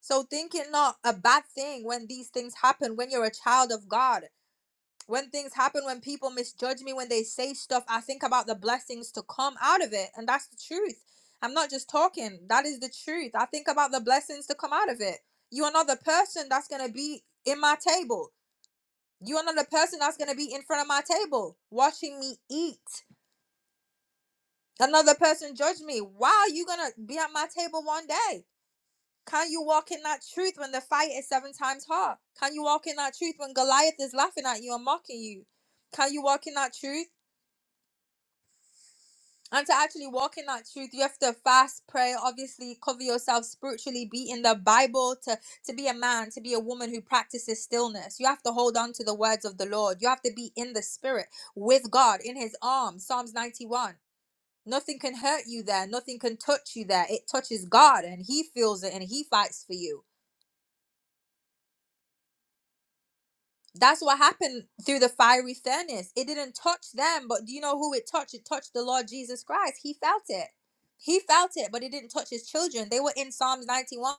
So think it not a bad thing when these things happen when you're a child of God when things happen when people misjudge me when they say stuff i think about the blessings to come out of it and that's the truth i'm not just talking that is the truth i think about the blessings to come out of it you are not the person that's going to be in my table you are not the person that's going to be in front of my table watching me eat another person judge me why are you going to be at my table one day can you walk in that truth when the fight is seven times hard can you walk in that truth when goliath is laughing at you and mocking you can you walk in that truth And to actually walk in that truth, you have to fast, pray, obviously cover yourself spiritually, be in the Bible, to, to be a man, to be a woman who practices stillness. You have to hold on to the words of the Lord. You have to be in the spirit with God, in his arms. Psalms 91. Nothing can hurt you there. Nothing can touch you there. It touches God and he feels it and he fights for you. That's what happened through the fiery furnace. It didn't touch them, but do you know who it touched? It touched the Lord Jesus Christ. He felt it. He felt it, but it didn't touch his children. They were in Psalms 91.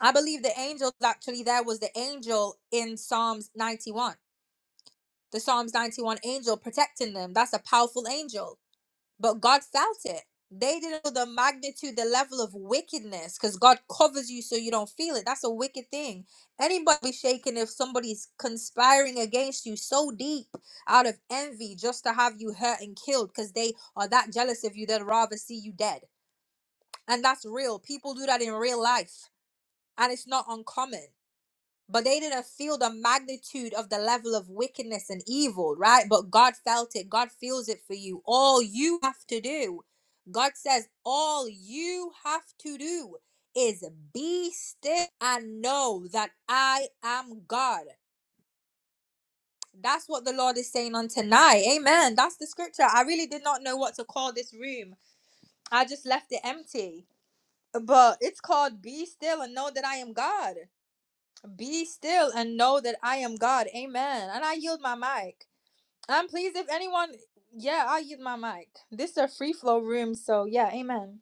I believe the angel actually there was the angel in Psalms 91. The Psalms 91 angel protecting them. That's a powerful angel but God felt it. They didn't know the magnitude, the level of wickedness, because God covers you so you don't feel it. That's a wicked thing. Anybody be shaken if somebody's conspiring against you so deep out of envy just to have you hurt and killed because they are that jealous of you, they'd rather see you dead. And that's real. People do that in real life, and it's not uncommon but they didn't feel the magnitude of the level of wickedness and evil, right? But God felt it. God feels it for you. All you have to do, God says, all you have to do is be still and know that I am God. That's what the Lord is saying on tonight. Amen. That's the scripture. I really did not know what to call this room. I just left it empty. But it's called Be Still and Know That I Am God. Be still and know that I am God. Amen. And I yield my mic. I'm pleased if anyone, yeah, I yield my mic. This is a free flow room, so yeah, amen.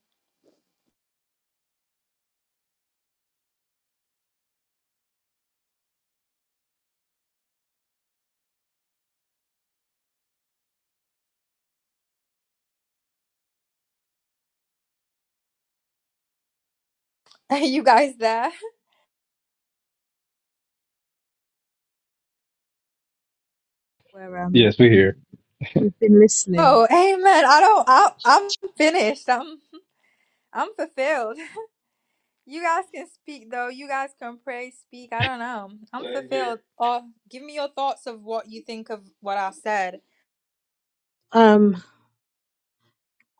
[laughs] you guys there?
Um,
Yes, we're here.
We've been listening.
Oh, amen. I don't. I, I'm finished. I'm. I'm fulfilled. [laughs] You guys can speak though. You guys can pray, speak. I don't know. I'm Thank fulfilled. Or give me your thoughts of what you think of what I said.
Um,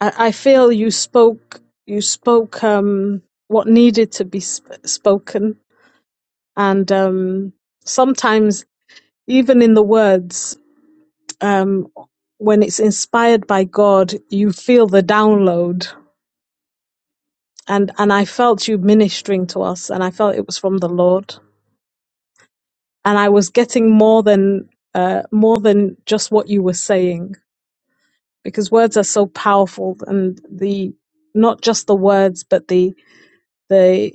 I, I feel you spoke. You spoke um, what needed to be sp- spoken, and um, sometimes even in the words, um, when it's inspired by God, you feel the download and and I felt you ministering to us, and I felt it was from the Lord, and I was getting more than uh, more than just what you were saying because words are so powerful, and the not just the words, but the the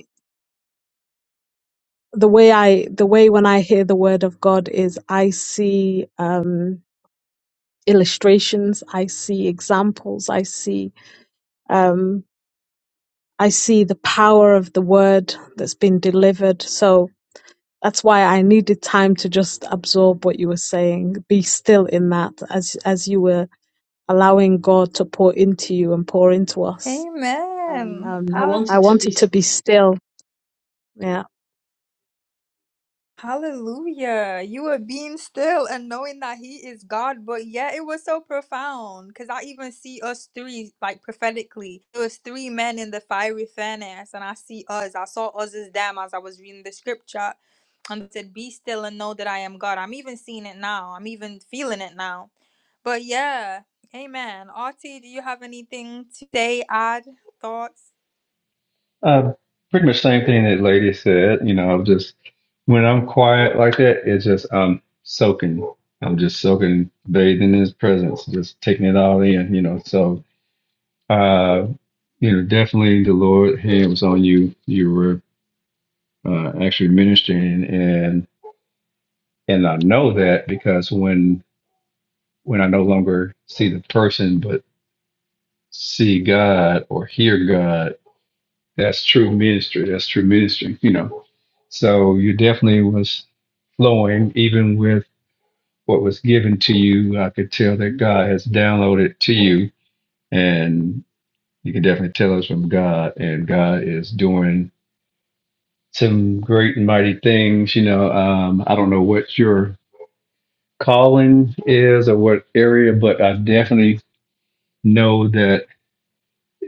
the way I the way when I hear the word of God is I see um, illustrations, I see examples, I see um, I see the power of the word that's been delivered. So that's why I needed time to just absorb what you were saying, be still in that as as you were allowing God to pour into you and pour into us.
Amen. Um, I
Um,
How-
I
wanted to be.
wanted to be still. Yeah.
Hallelujah. You are being still and knowing that He is God. But yeah, it was so profound because I even see us three, like prophetically, it was three men in the fiery furnace. And I see us. I saw us as them as I was reading the scripture and it said, Be still and know that I am God. I'm even seeing it now. I'm even feeling it now. But yeah, amen. Artie, do you have anything to say, add, thoughts?
Uh, pretty much same thing that lady said. You know, I'm just when I'm quiet like that, it's just I'm soaking. I'm just soaking, bathing in his presence, just taking it all in. You know, so uh, you know, definitely the Lord hand was on you. You were uh, actually ministering, and and I know that because when when I no longer see the person, but see God or hear God That's true ministry. That's true ministry, you know. So you definitely was flowing even with what was given to you. I could tell that God has downloaded to you and you can definitely tell us from God and God is doing some great and mighty things. You know, um, I don't know what your calling is or what area, but I definitely know that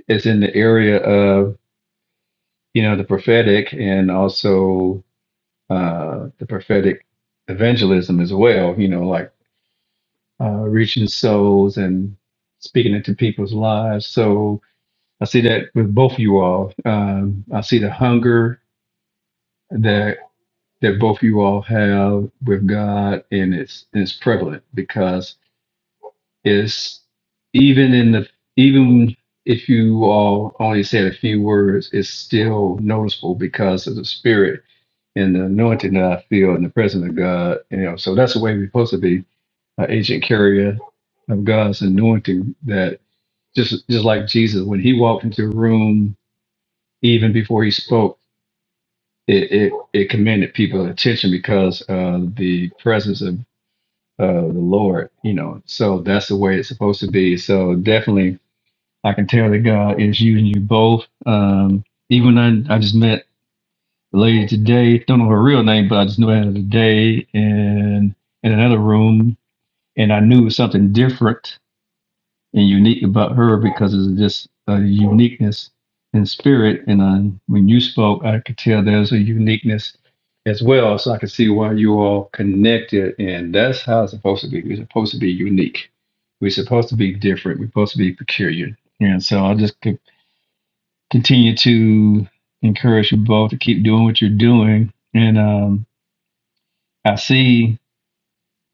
it's in the area of, you know, the prophetic and also uh, the prophetic evangelism as well, you know, like uh, reaching souls and speaking into people's lives. So I see that with both you all. Um, I see the hunger that that both you all have with God, and it's it's prevalent because it's even in the even if you all only said a few words, it's still noticeable because of the spirit and the anointing that I feel in the presence of God. You know, so that's the way we're supposed to be, an agent carrier of God's anointing. That just just like Jesus, when he walked into a room, even before he spoke, it it, it commanded people's attention because of the presence of uh, the Lord. You know, so that's the way it's supposed to be. So definitely, I can tell that God is using you both. Um, even I, I just met The lady today, don't know her real name, but I just knew her today in in another room, and I knew something different and unique about her because it's just a uniqueness in spirit. And I, when you spoke, I could tell there's a uniqueness as well. So I could see why you all connected, and that's how it's supposed to be. We're supposed to be unique. We're supposed to be different. We're supposed to be peculiar. And so I just could continue to encourage you both to keep doing what you're doing. And um, I see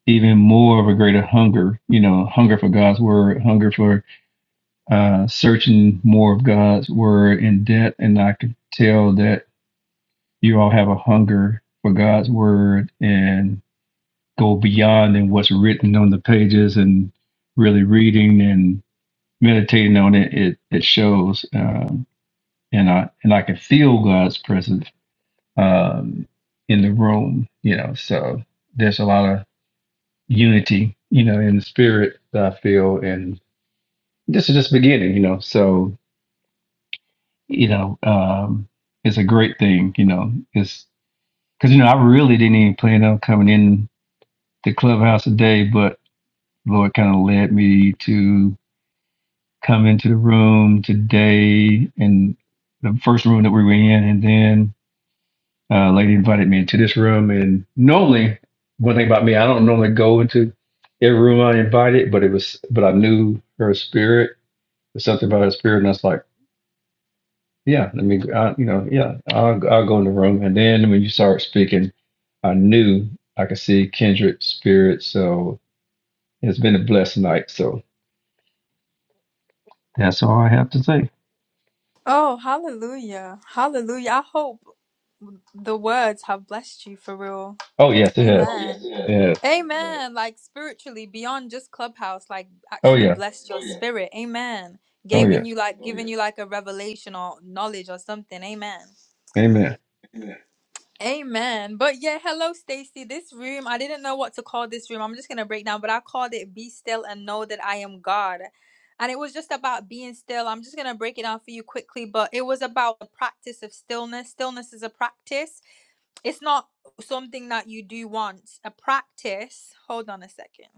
even more of a greater hunger, you know, hunger for God's word, hunger for uh, searching more of God's word in depth. And I can tell that you all have a hunger for God's word and go beyond than what's written on the pages and really reading and meditating on it. It, it shows. Um, and I, and I can feel God's presence um, in the room, you know, so there's a lot of unity, you know, in the spirit I feel. And this is just beginning, you know. So, you know, um, it's a great thing, you know. It's because, you know, I really didn't even plan on coming in the clubhouse today, but Lord kind of led me to come into the room today and the first room that we were in. And then uh, a lady invited me into this room. And normally, one thing about me, I don't normally go into every room I invited, but it was, but I knew her spirit There's something about his spirit, and I was like, yeah, let me, I, you know, yeah, I'll, I'll go in the room. And then when you start speaking, I knew I could see kindred spirit. So it's been a blessed night. So that's all I have to say.
Oh, hallelujah. Hallelujah. I hope. the words have blessed you for real.
Oh, yes, it
Amen.
has.
Oh, yes, yeah.
Yeah.
Amen. Yeah. Like spiritually, beyond just Clubhouse, like
Oh,
actually
yeah.
blessed your Oh, yeah. spirit. Amen.
Oh,
Giving
yes.
you like Oh, giving yeah. you like a revelation or knowledge or something. Amen.
Amen.
Amen. Amen. But yeah, hello Stacy. This room, I didn't know what to call this room. I'm just gonna break down, but I called it Be Still and Know That I Am God. And it was just about being still. I'm just gonna break it down for you quickly, but it was about the practice of stillness. Stillness is a practice it's not something that you do once. A practice, hold on a second.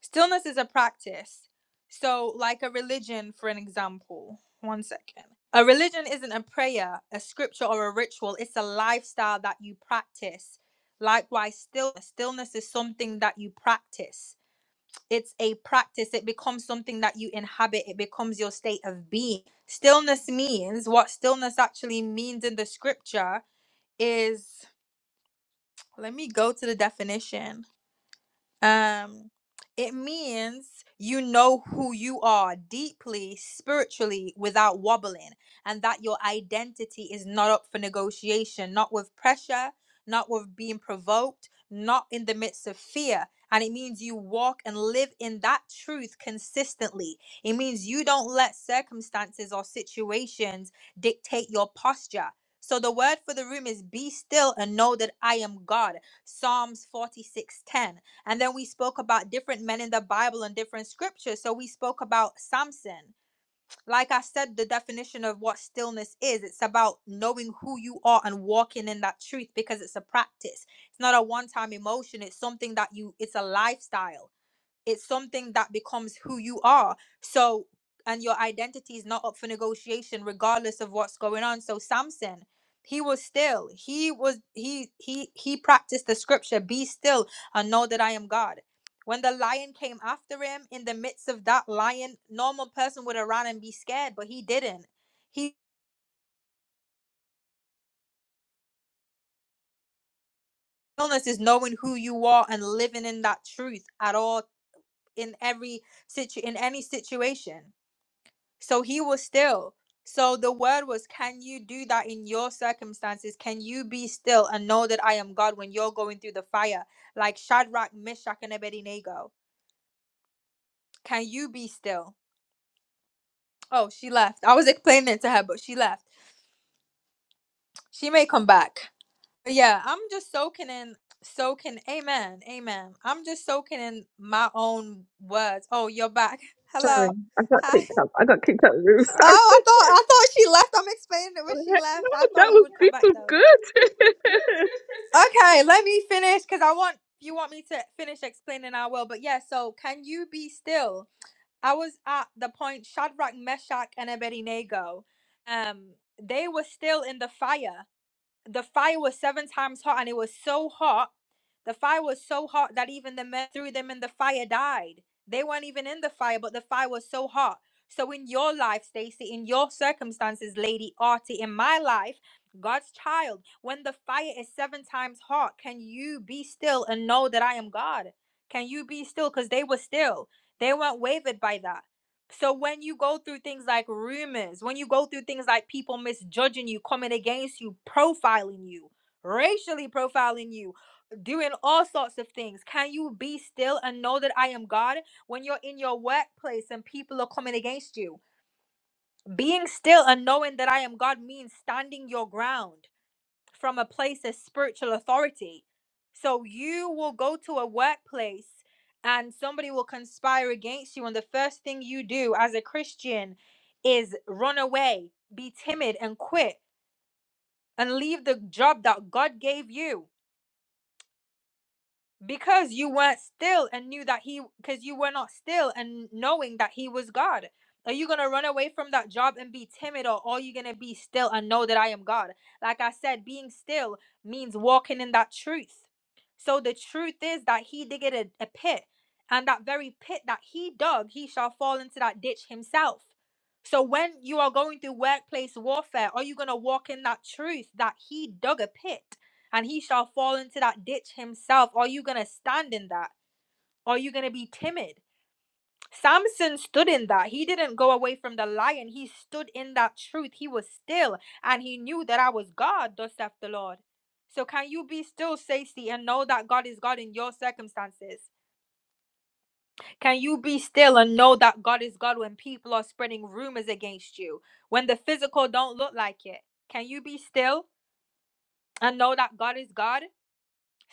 Stillness is a practice. So, like a religion, for an example, one second. A religion isn't a prayer, a scripture, or a ritual. It's a lifestyle that you practice. Likewise, stillness. Stillness is something that you practice. It's a practice. It becomes something that you inhabit. It becomes your state of being. Stillness means what stillness actually means in the scripture is let me go to the definition. Um, it means you know who you are deeply, spiritually, without wobbling, and that your identity is not up for negotiation, not with pressure, not with being provoked, not in the midst of fear. And it means you walk and live in that truth consistently. It means you don't let circumstances or situations dictate your posture. So the word for the room is be still and know that I am God. Psalms 46:10 and then we spoke about different men in the Bible and different scriptures. So we spoke about Samson. Like I said, the definition of what stillness is it's about knowing who you are and walking in that truth because it's a practice. It's not a one time emotion, it's something that you, it's a lifestyle it's something that becomes who you are so and your identity is not up for negotiation regardless of what's going on so samson he was still he was he he he practiced the scripture be still and know that i am god when the lion came after him in the midst of that lion normal person would have run and be scared but he didn't he illness is knowing who you are and living in that truth at all in every situ in any situation So he was still. So the word was, Can you do that in your circumstances? Can you be still and know that I am God when you're going through the fire? Like Shadrach, Meshach, and Abednego. Can you be still? Oh, she left. I was explaining it to her, but she left. She may come back. But yeah, I'm just soaking in, soaking. Amen. Amen. I'm just soaking in my own words. Oh, you're back.
Sorry,
Hello.
I got
Hi. [laughs]
kicked out. I got kicked out of the room. [laughs]
Oh,
Sorry.
I thought I thought she left. I'm explaining it when she
Like,
left.
No,
I thought you
that
were.
was this was good.
Okay, let me finish because I want you want me to finish explaining. I will, but yeah. So, can you be still? I was at the point Shadrach, Meshach, and Abednego. Um, they were still in the fire the fire was seven times hot and it was so hot the fire was so hot that even the men threw them in the fire died they weren't even in the fire but the fire was so hot so in your life stacy in your circumstances lady artie in my life god's child when the fire is seven times hot can you be still and know that i am god can you be still because they were still they weren't wavered by that so when you go through things like rumors, when you go through things like people misjudging you, coming against you, profiling you, racially profiling you, doing all sorts of things, can you be still and know that I am God? When you're in your workplace and people are coming against you, being still and knowing that I am God means standing your ground from a place of spiritual authority. So you will go to a workplace and somebody will conspire against you, and the first thing you do as a Christian is run away, be timid, and quit and leave the job that God gave you because you weren't still and knew that he because you were not still and knowing that he was god are you gonna run away from that job and be timid or are you gonna be still and know that i am god like i said being still means walking in that truth so the truth is that he did get a, a pit and that very pit that he dug he shall fall into that ditch himself so when you are going through workplace warfare are you gonna walk in that truth that he dug a pit and he shall fall into that ditch himself. Are you going to stand in that? Are you going to be timid? Samson stood in that. He didn't go away from the lion. He stood in that truth. He was still and he knew that I was God, thus saith the Lord. So can you be still, Stacey, and know that God is God in your circumstances? Can you be still and know that God is God when people are spreading rumors against you? When the physical don't look like it? Can you be still and know that God is God?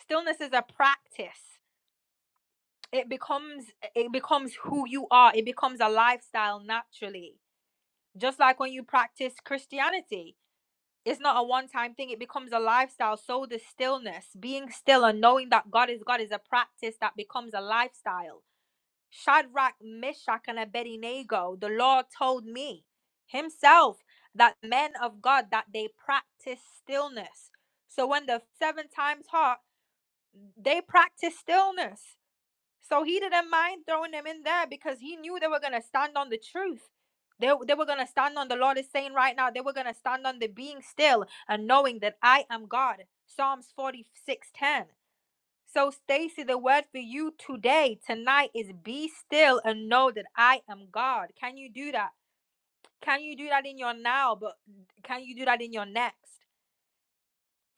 Stillness is a practice. it becomes it becomes who you are it becomes a lifestyle naturally just like when you practice christianity it's not a one time thing it becomes a lifestyle so the stillness being still and knowing that god is god is a practice that becomes a lifestyle shadrach meshach and abednego the lord told me himself that men of god that they practice stillness so when the seven times hot they practice stillness so he didn't mind throwing them in there because he knew they were going to stand on the truth. They, they were going to stand on the Lord is saying right now, they were going to stand on the being still and knowing that I am God. Psalms 46 10. So, Stacy, the word for you today, tonight is be still and know that I am God. Can you do that? Can you do that in your now? But can you do that in your next?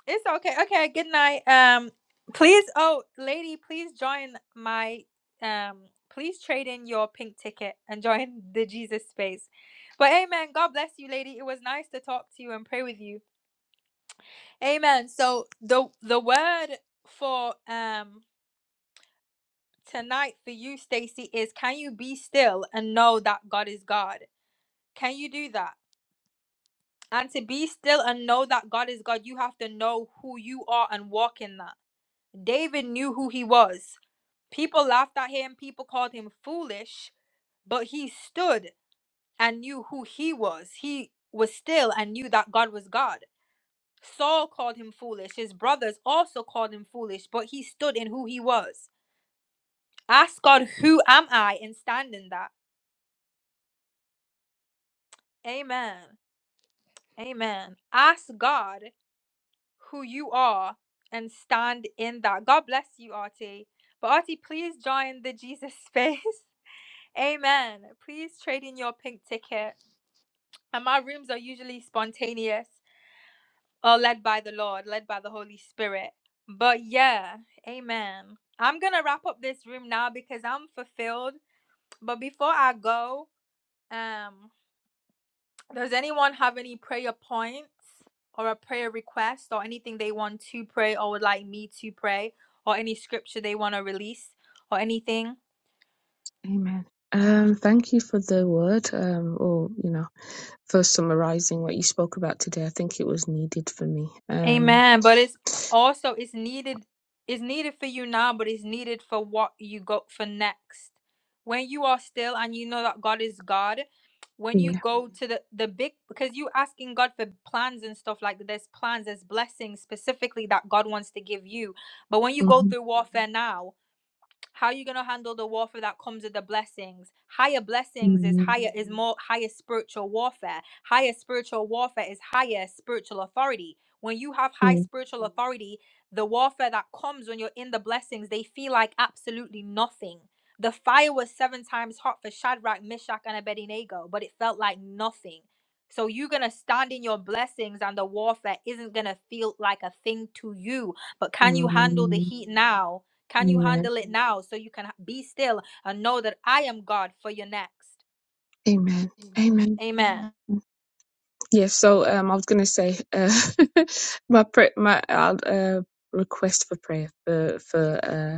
It's okay. Okay, good night. Um please oh lady, please join my um please trade in your pink ticket and join the Jesus space. But amen. God bless you, lady. It was nice to talk to you and pray with you. Amen. So the the word for um tonight for you, Stacy, is can you be still and know that God is God? Can you do that? And to be still and know that God is God, you have to know who you are and walk in that. David knew who he was. People laughed at him, people called him foolish, but he stood and knew who he was. He was still and knew that God was God. Saul called him foolish. His brothers also called him foolish, but he stood in who he was. Ask God, who am I, and stand in that. Amen. Amen. Ask God who you are and stand in that. God bless you, Artie. But Artie, please join the Jesus space. [laughs] Amen. Please trade in your pink ticket And my rooms are usually spontaneous or led by the Lord, led by the Holy Spirit. But yeah, amen. I'm going to wrap up this room now because I'm fulfilled. But before I go, um does anyone have any prayer points or a prayer request or anything they want to pray or would like me to pray or any scripture they want to release or anything?
[laughs] Amen. Um, thank you for the word, um, or you know, for summarizing what you spoke about today. I think it was needed for me. Um,
Amen. But it's also it's needed it's needed for you now, but it's needed for what you go for next. When you are still and you know that God is God, when you
yeah.
go to the the big because you asking God for plans and stuff like that, there's plans, there's blessings specifically that God wants to give you. But when you go
Mhm.
through warfare now, how are you gonna handle the warfare that comes with the blessings? Higher blessings is
Amen.
higher is more higher spiritual warfare. Higher spiritual warfare is higher spiritual authority. When you have high
Yeah.
spiritual authority, the warfare that comes when you're in the blessings, they feel like absolutely nothing. The fire was seven times hot for Shadrach, Meshach, and Abednego, but it felt like nothing. So you're gonna stand in your blessings, and the warfare isn't gonna feel like a thing to you. But can you handle the
Um,
heat now? Can you
amen.
handle it now so you can be still and know that I am God for your next?
Amen. Amen.
Amen.
Yeah. So, um, I was gonna say, uh, [laughs] my pray, my I'll, uh, request for prayer for for. uh,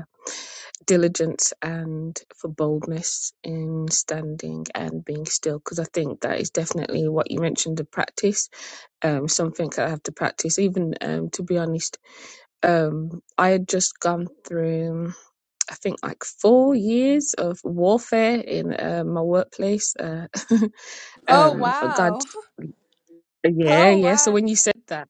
diligence and for boldness in standing and being still because i think that is definitely what you mentioned the practice um something i have to practice even um to be honest um i had just gone through i think like four years of warfare in uh, my workplace uh [laughs]
Oh,
um god
wow. [laughs]
yeah
Oh,
yeah so
wow.
when you said that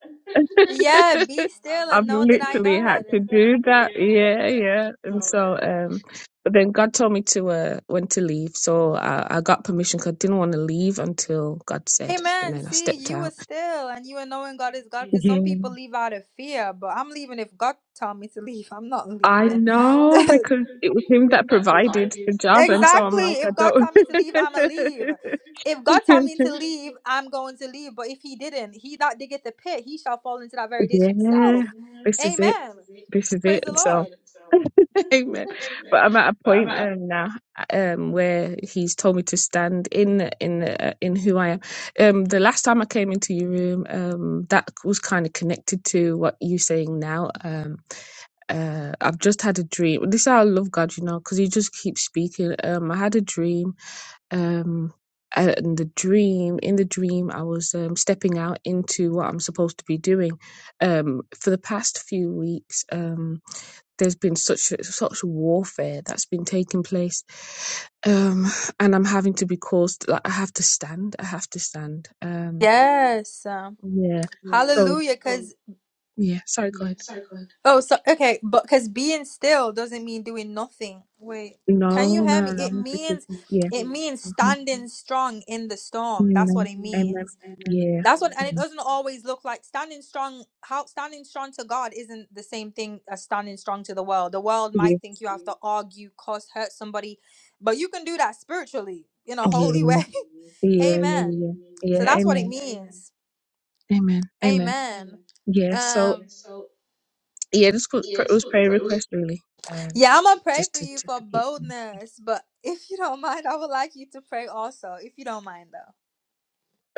Yeah, be
[laughs]
still and
I've
know that I
literally
am
had to do that. Yeah, yeah. And so,
God.
um, but then God told me to uh, when to leave, so I, I got permission because I didn't want to leave until God said, and
Amen.
then I
See,
stepped
you were
out.
still and you were knowing God is God because some
Yeah,
people leave out of fear, but I'm leaving if God tell me to leave. I'm not leaving.
I
I know.
know
[laughs]
because it was Him that provided the job, and so I'm
exactly.
like, I
If God
don't.
tell me
[laughs]
if God tell me to [laughs] leave, I'm going to leave. But if he didn't, he that diggeth the pit, he shall fall into that very ditch
yeah,
himself.
this is it.
Amen.
This is
Praise
it.
the
And so.
Lord.
[laughs] Amen. But I'm at a
But I'm
point
at
um, now um, where He's told me to stand in in uh, in who I am. Um, the last time I came into your room, um, that was kind of connected to what you're saying now. Um, uh, I've just had a dream. This is how I love God, you know, because He just keeps speaking. Um, I had a dream um and the dream in the dream i was um, stepping out into what i'm supposed to be doing um for the past few weeks um there's been such such warfare that's been taking place um and i'm having to be caused like i have to stand i have to stand um
Yes. um,
yeah
yes.
so
Hallelujah. Oh, Because,
yeah sorry go ahead
second. oh, so, okay, but because being still doesn't mean doing nothing. Wait, can you
no
no, hear me?
no no
It
no because,
means,
yeah
it means
hmm
standing strong in the storm. That's what
amen
it, means.
amen yeah
that's what, and it
yeah
doesn't always look like standing strong. How standing strong to God isn't the same thing as standing strong to the world. The world
yeah
might think you have to argue, cause hurt somebody, but you can do that spiritually in a
yeah
holy way. [laughs]
yeah yeah yeah
Amen.
yeah Yeah.
So
yeah,
that's what it
amen
means.
amen amen
Amen.
yeah so
Um,
yeah this was pr- was prayer request really um
yeah, I'm gonna pray
just
for
to
you
just
for
to keep
boldness, but if you don't mind, I would like you to pray also, if you don't mind though.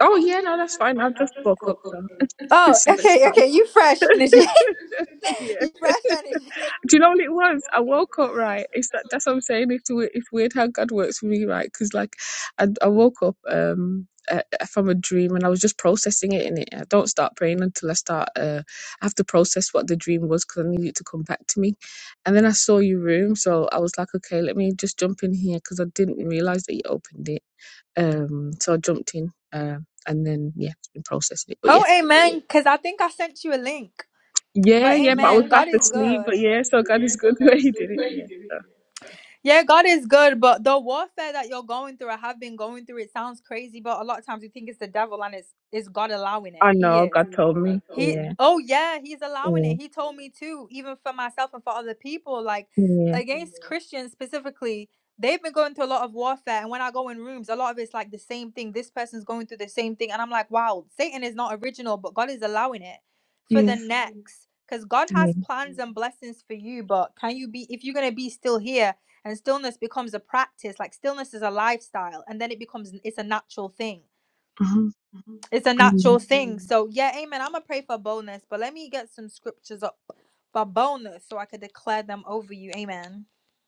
oh yeah no that's fine i've just woke up so [laughs]
Oh,
it's the best
okay,
time
okay, you fresh energy. [laughs]
[laughs] yeah.
you fresh energy.
Do you know what it was? I woke up right. It's that that's what I'm saying. If we- if weird how God works for me, right? Because like I, I woke up um uh, from a dream and I was just processing it in it. I don't start praying until I start. Uh, I have to process what the dream was because I need it to come back to me. And then I saw your room, so I was like, okay, let me just jump in here because I didn't realize that you opened it. Um, so I jumped in. Um, and then yeah, been processing it. But yeah.
Oh, amen, because I think I sent you a link.
Yeah,
But
yeah, but I was
amen,
fast
God is
asleep.
good.
But yeah, so God is good [laughs] where He did it. Yeah, so
Yeah, God is good, but the warfare that you're going through, I have been going through, it sounds crazy, but a lot of times you think it's the devil and it's, it's God allowing it.
I
He
know
is.
God told me.
He
Yeah,
oh yeah, he's allowing
yeah,
it. He told me too, even for myself and for other people, like
yeah,
against Christians specifically, they've been going through a lot of warfare. And when I go in rooms, a lot of it's like the same thing. This person's going through the same thing. And I'm like, wow, Satan is not original, but God is allowing it for
yeah,
the next. Because God
yeah.
has plans and blessings for you, but can you be if you're gonna be still here and stillness becomes a practice, like stillness is a lifestyle, and then it becomes it's a natural thing
Mm-hmm.
it's a natural
Amen.
thing. So yeah, amen. I'm gonna pray for boldness, but let me get some scriptures up for boldness so I could declare them over you. Amen.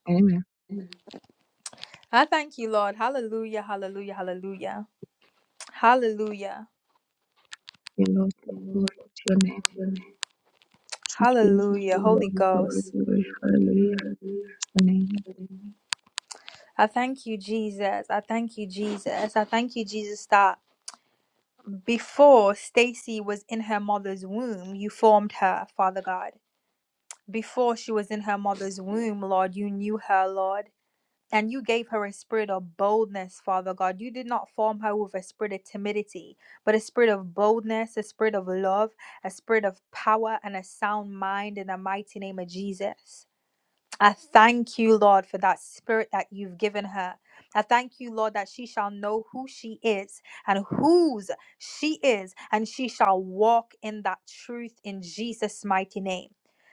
Amen.
I thank you, Lord. Hallelujah, hallelujah, hallelujah. Hallelujah.
Yeah, Lord, glory to your name. Thank you, Jesus.
Hallelujah. Holy
Glory, glory,
Ghost.
glory. Hallelujah. Amen.
I thank you, Jesus. I thank you, Jesus. I thank you, Jesus, that before Stacy was in her mother's womb, you formed her, Father God. Before she was in her mother's womb, Lord, you knew her, Lord. And you gave her a spirit of boldness, Father God. You did not form her with a spirit of timidity, but a spirit of boldness, a spirit of love, a spirit of power, and a sound mind in the mighty name of Jesus. I thank you, Lord, for that spirit that you've given her. I thank you, Lord, that she shall know who she is and whose she is, and she shall walk in that truth in Jesus' mighty name.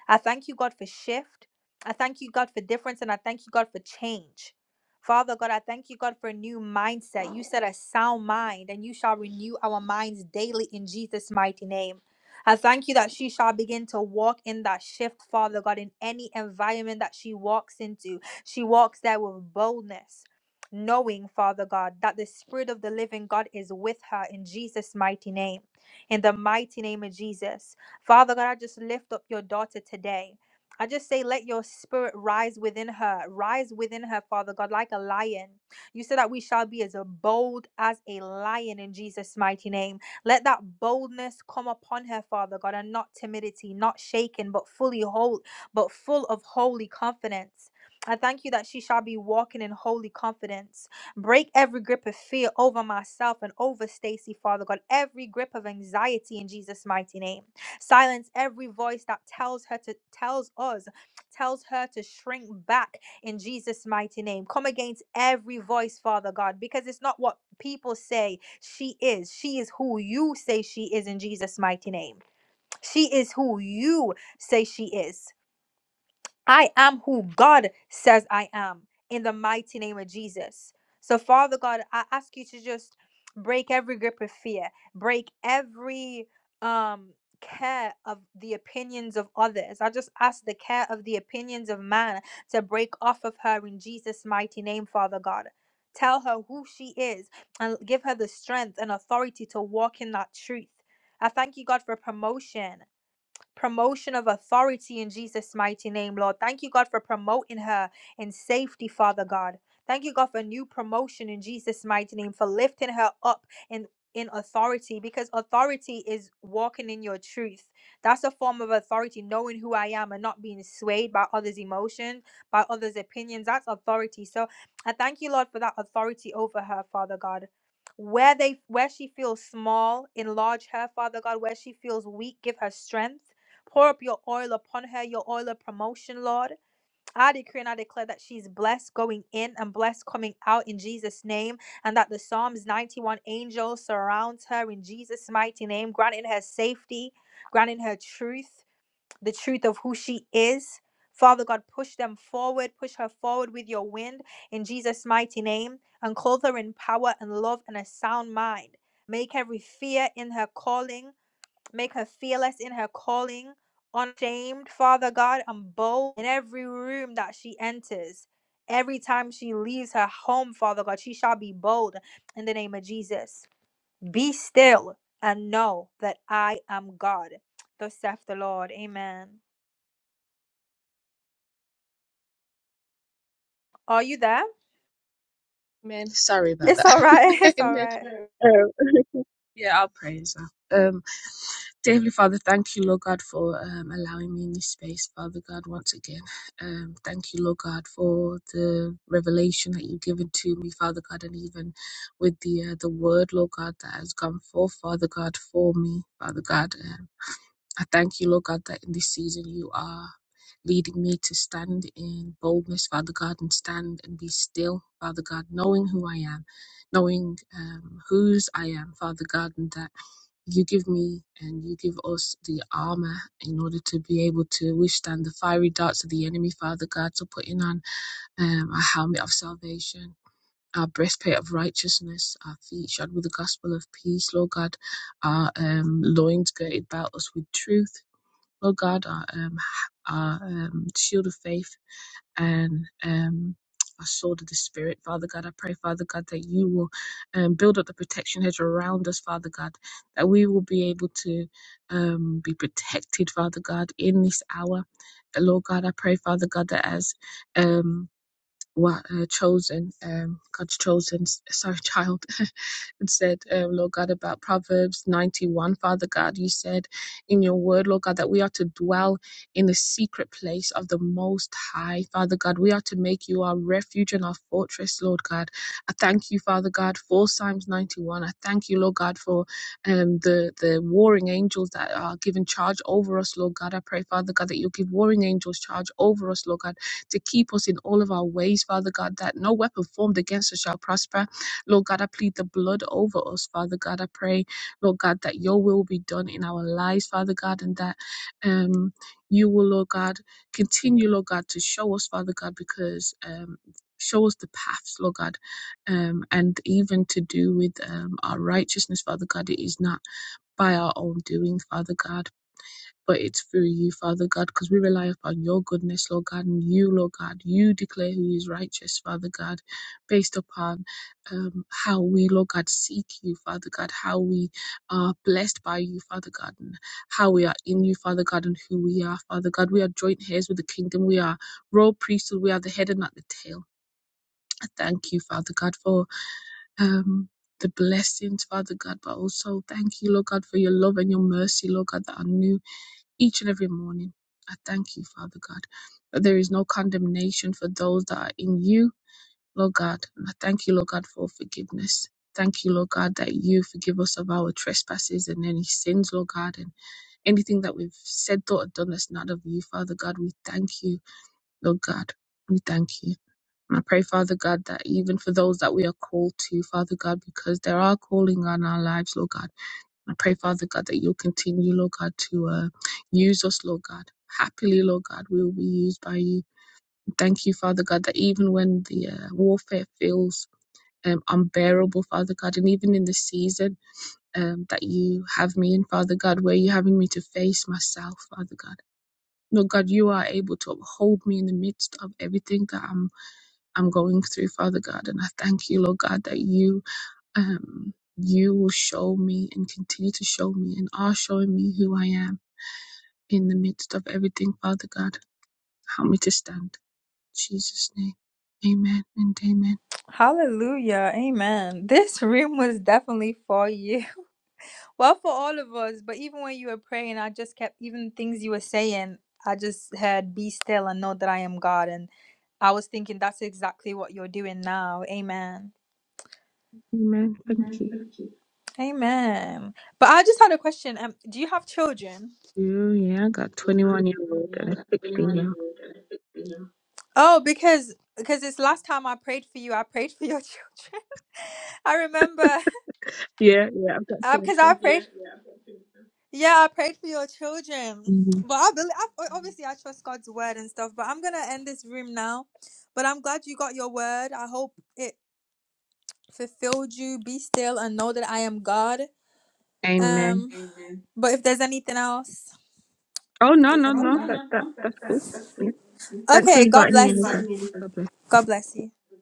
I thank you, God, for shift. I thank you, God, for difference, and I thank you, God, for change. Father God, I thank you, God, for a new mindset. You said a sound mind, and you shall renew our minds daily in Jesus' mighty name. I thank you that she shall begin to walk in that shift, Father God, in any environment that she walks into. She walks there with boldness. Knowing, Father God, that the Spirit of the living God is with her in Jesus' mighty name. In the mighty name of Jesus. Father God, I just lift up your daughter today. I just say, let your spirit rise within her, rise within her, Father God, like a lion. You said that we shall be as bold as a lion in Jesus' mighty name. Let that boldness come upon her, Father God, and not timidity, not shaken, but fully whole, but full of holy confidence. I thank you that she shall be walking in holy confidence. Break every grip of fear over myself and over Stacy, Father God, every grip of anxiety in Jesus' mighty name. Silence every voice that tells her to tells us, tells her to shrink back in Jesus' mighty name. Come against every voice, Father God, because it's not what people say she is. She is who you say she is in Jesus' mighty name. She is who you say she is. I am who God says I am in the mighty name of Jesus. So, Father God, I ask you to just break every grip of fear, break every um care of the opinions of others. I just ask the care of the opinions of man to break off of her in Jesus' mighty name, Father God. Tell her who she is and give her the strength and authority to walk in that truth. I thank you, God, for promotion promotion of authority in Jesus' mighty name, Lord. Thank you, God, for promoting her in safety, Father God. Thank you, God, for new promotion in Jesus' mighty name, for lifting her up in in authority because authority is walking in your truth that's a form of authority knowing who i am and not being swayed by others emotions by others opinions that's authority so i thank you lord for that authority over her father god where they where she feels small enlarge her father god where she feels weak give her strength Pour up your oil upon her, your oil of promotion, Lord. I decree and I declare that she's blessed going in and blessed coming out in Jesus' name, and that the Psalms 91 angel surrounds her in Jesus' mighty name, granting her safety, granting her truth, the truth of who she is. Father God, push them forward, push her forward with your wind in Jesus' mighty name, and clothe her in power and love and a sound mind. Make every fear in her calling. Make her fearless in her calling, unashamed, Father God, and bold in every room that she enters. Every time she leaves her home, Father God, she shall be bold in the name of Jesus. Be still and know that I am God. [tsk] Thus saith the Lord. Amen. Are you there? [laughs]
Amen. Sorry about
It's
that.
all right. [laughs] It's all
[laughs]
right.
Amen. Yeah, I'll praise her. Um, dear Heavenly Father, thank you, Lord God, for um, allowing me in this space, Father God, once again. Um, thank you, Lord God, for the revelation that you've given to me, Father God, and even with the uh, the word, Lord God, that has gone forth, Father God, for me, Father God. um, I thank you, Lord God, that in this season you are leading me to stand in boldness, Father God, and stand and be still, Father God, knowing who I am, knowing um, whose I am, Father God, and that you give me and you give us the armor in order to be able to withstand the fiery darts of the enemy, Father God. So putting on um, a helmet of salvation our breastplate of righteousness, our feet shod with the gospel of peace, Lord God, our um, loins girded about us with truth, Lord God, our um, our um, shield of faith and um our sword of the spirit, Father God. I pray, Father God, that you will um, build up the protection hedge around us, Father God, that we will be able to um, be protected, Father God, in this hour. Uh, Lord God, I pray, Father God, that as um, what uh, chosen um god's chosen s- sorry child [laughs] it said um, lord god about proverbs 91 father god you said in your word lord god that we are to dwell in the secret place of the most high father god we are to make you our refuge and our fortress lord god i thank you father god for psalms 91 i thank you lord god for um the the warring angels that are given charge over us lord god i pray father god that you'll give warring angels charge over us lord god to keep us in all of our ways, Father God, that no weapon formed against us shall prosper. Lord God, I plead the blood over us, Father God. I pray, Lord God, that your will be done in our lives, Father God, and that um you will, Lord God, continue, Lord God, to show us, Father God, because um show us the paths, Lord God, um, and even to do with um, our righteousness, Father God. It is not by our own doing, Father God but it's through you, Father God, because we rely upon your goodness, Lord God, and you, Lord God. You declare who is righteous, Father God, based upon um, how we, Lord God, seek you, Father God, how we are blessed by you, Father God, and how we are in you, Father God, and who we are, Father God. We are joint heirs with the kingdom. We are royal priesthood. We are the head and not the tail. I thank you, Father God, for. Um, the blessings, Father God, but also thank you, Lord God, for your love and your mercy, Lord God, that are new each and every morning. I thank you, Father God, that there is no condemnation for those that are in you, Lord God. And I thank you, Lord God, for forgiveness. Thank you, Lord God, that you forgive us of our trespasses and any sins, Lord God, and anything that we've said, thought, or done that's not of you, Father God. We thank you, Lord God. We thank you. And I pray, Father God, that even for those that we are called to, Father God, because there are calling on our lives, Lord God. I pray, Father God, that you'll continue, Lord God, to uh, use us, Lord God. Happily, Lord God, we will be used by you. Thank you, Father God, that even when the uh, warfare feels um, unbearable, Father God, and even in the season um, that you have me in, Father God, where you're having me to face myself, Father God. Lord God, you are able to uphold me in the midst of everything that I'm I'm going through, Father God. And I thank you, Lord God, that you um, you will show me and continue to show me and are showing me who I am in the midst of everything, Father God. Help me to stand. In Jesus' name. Amen and amen.
Hallelujah. Amen. This room was definitely for you. Well, for all of us, but even when you were praying, I just kept, even things you were saying, I just heard, be still and know that I am God. And I was thinking that's exactly what you're doing now. Amen.
Amen. Thank you.
Amen. But I just had a question. Um, do you have children?
Oh yeah, I got 21 year old
Yeah, I
and a
got
16
21
year
year
old.
old. [laughs] You know. Oh, because because this last time I prayed for you, I prayed for your [laughs] children. I remember
Yeah, yeah, I've got two of
because I Yeah,
them.
prayed. Yeah, Yeah, I prayed for your children.
Mhm.
But I believe, I, obviously, I trust God's word and stuff. But I'm gonna end this room now. But I'm glad you got your word. I hope it fulfilled you. Be still and know that I am God.
Amen.
Um, but if there's anything else,
Oh,
if
no,
there's
no,
any,
no. That, that,
No,
that's
that, that,
cool.
that's
Yeah.
good.
Thanks for
okay, God Just
inviting me,
bless invite
Elisa.
you. me.
God bless.
God bless you.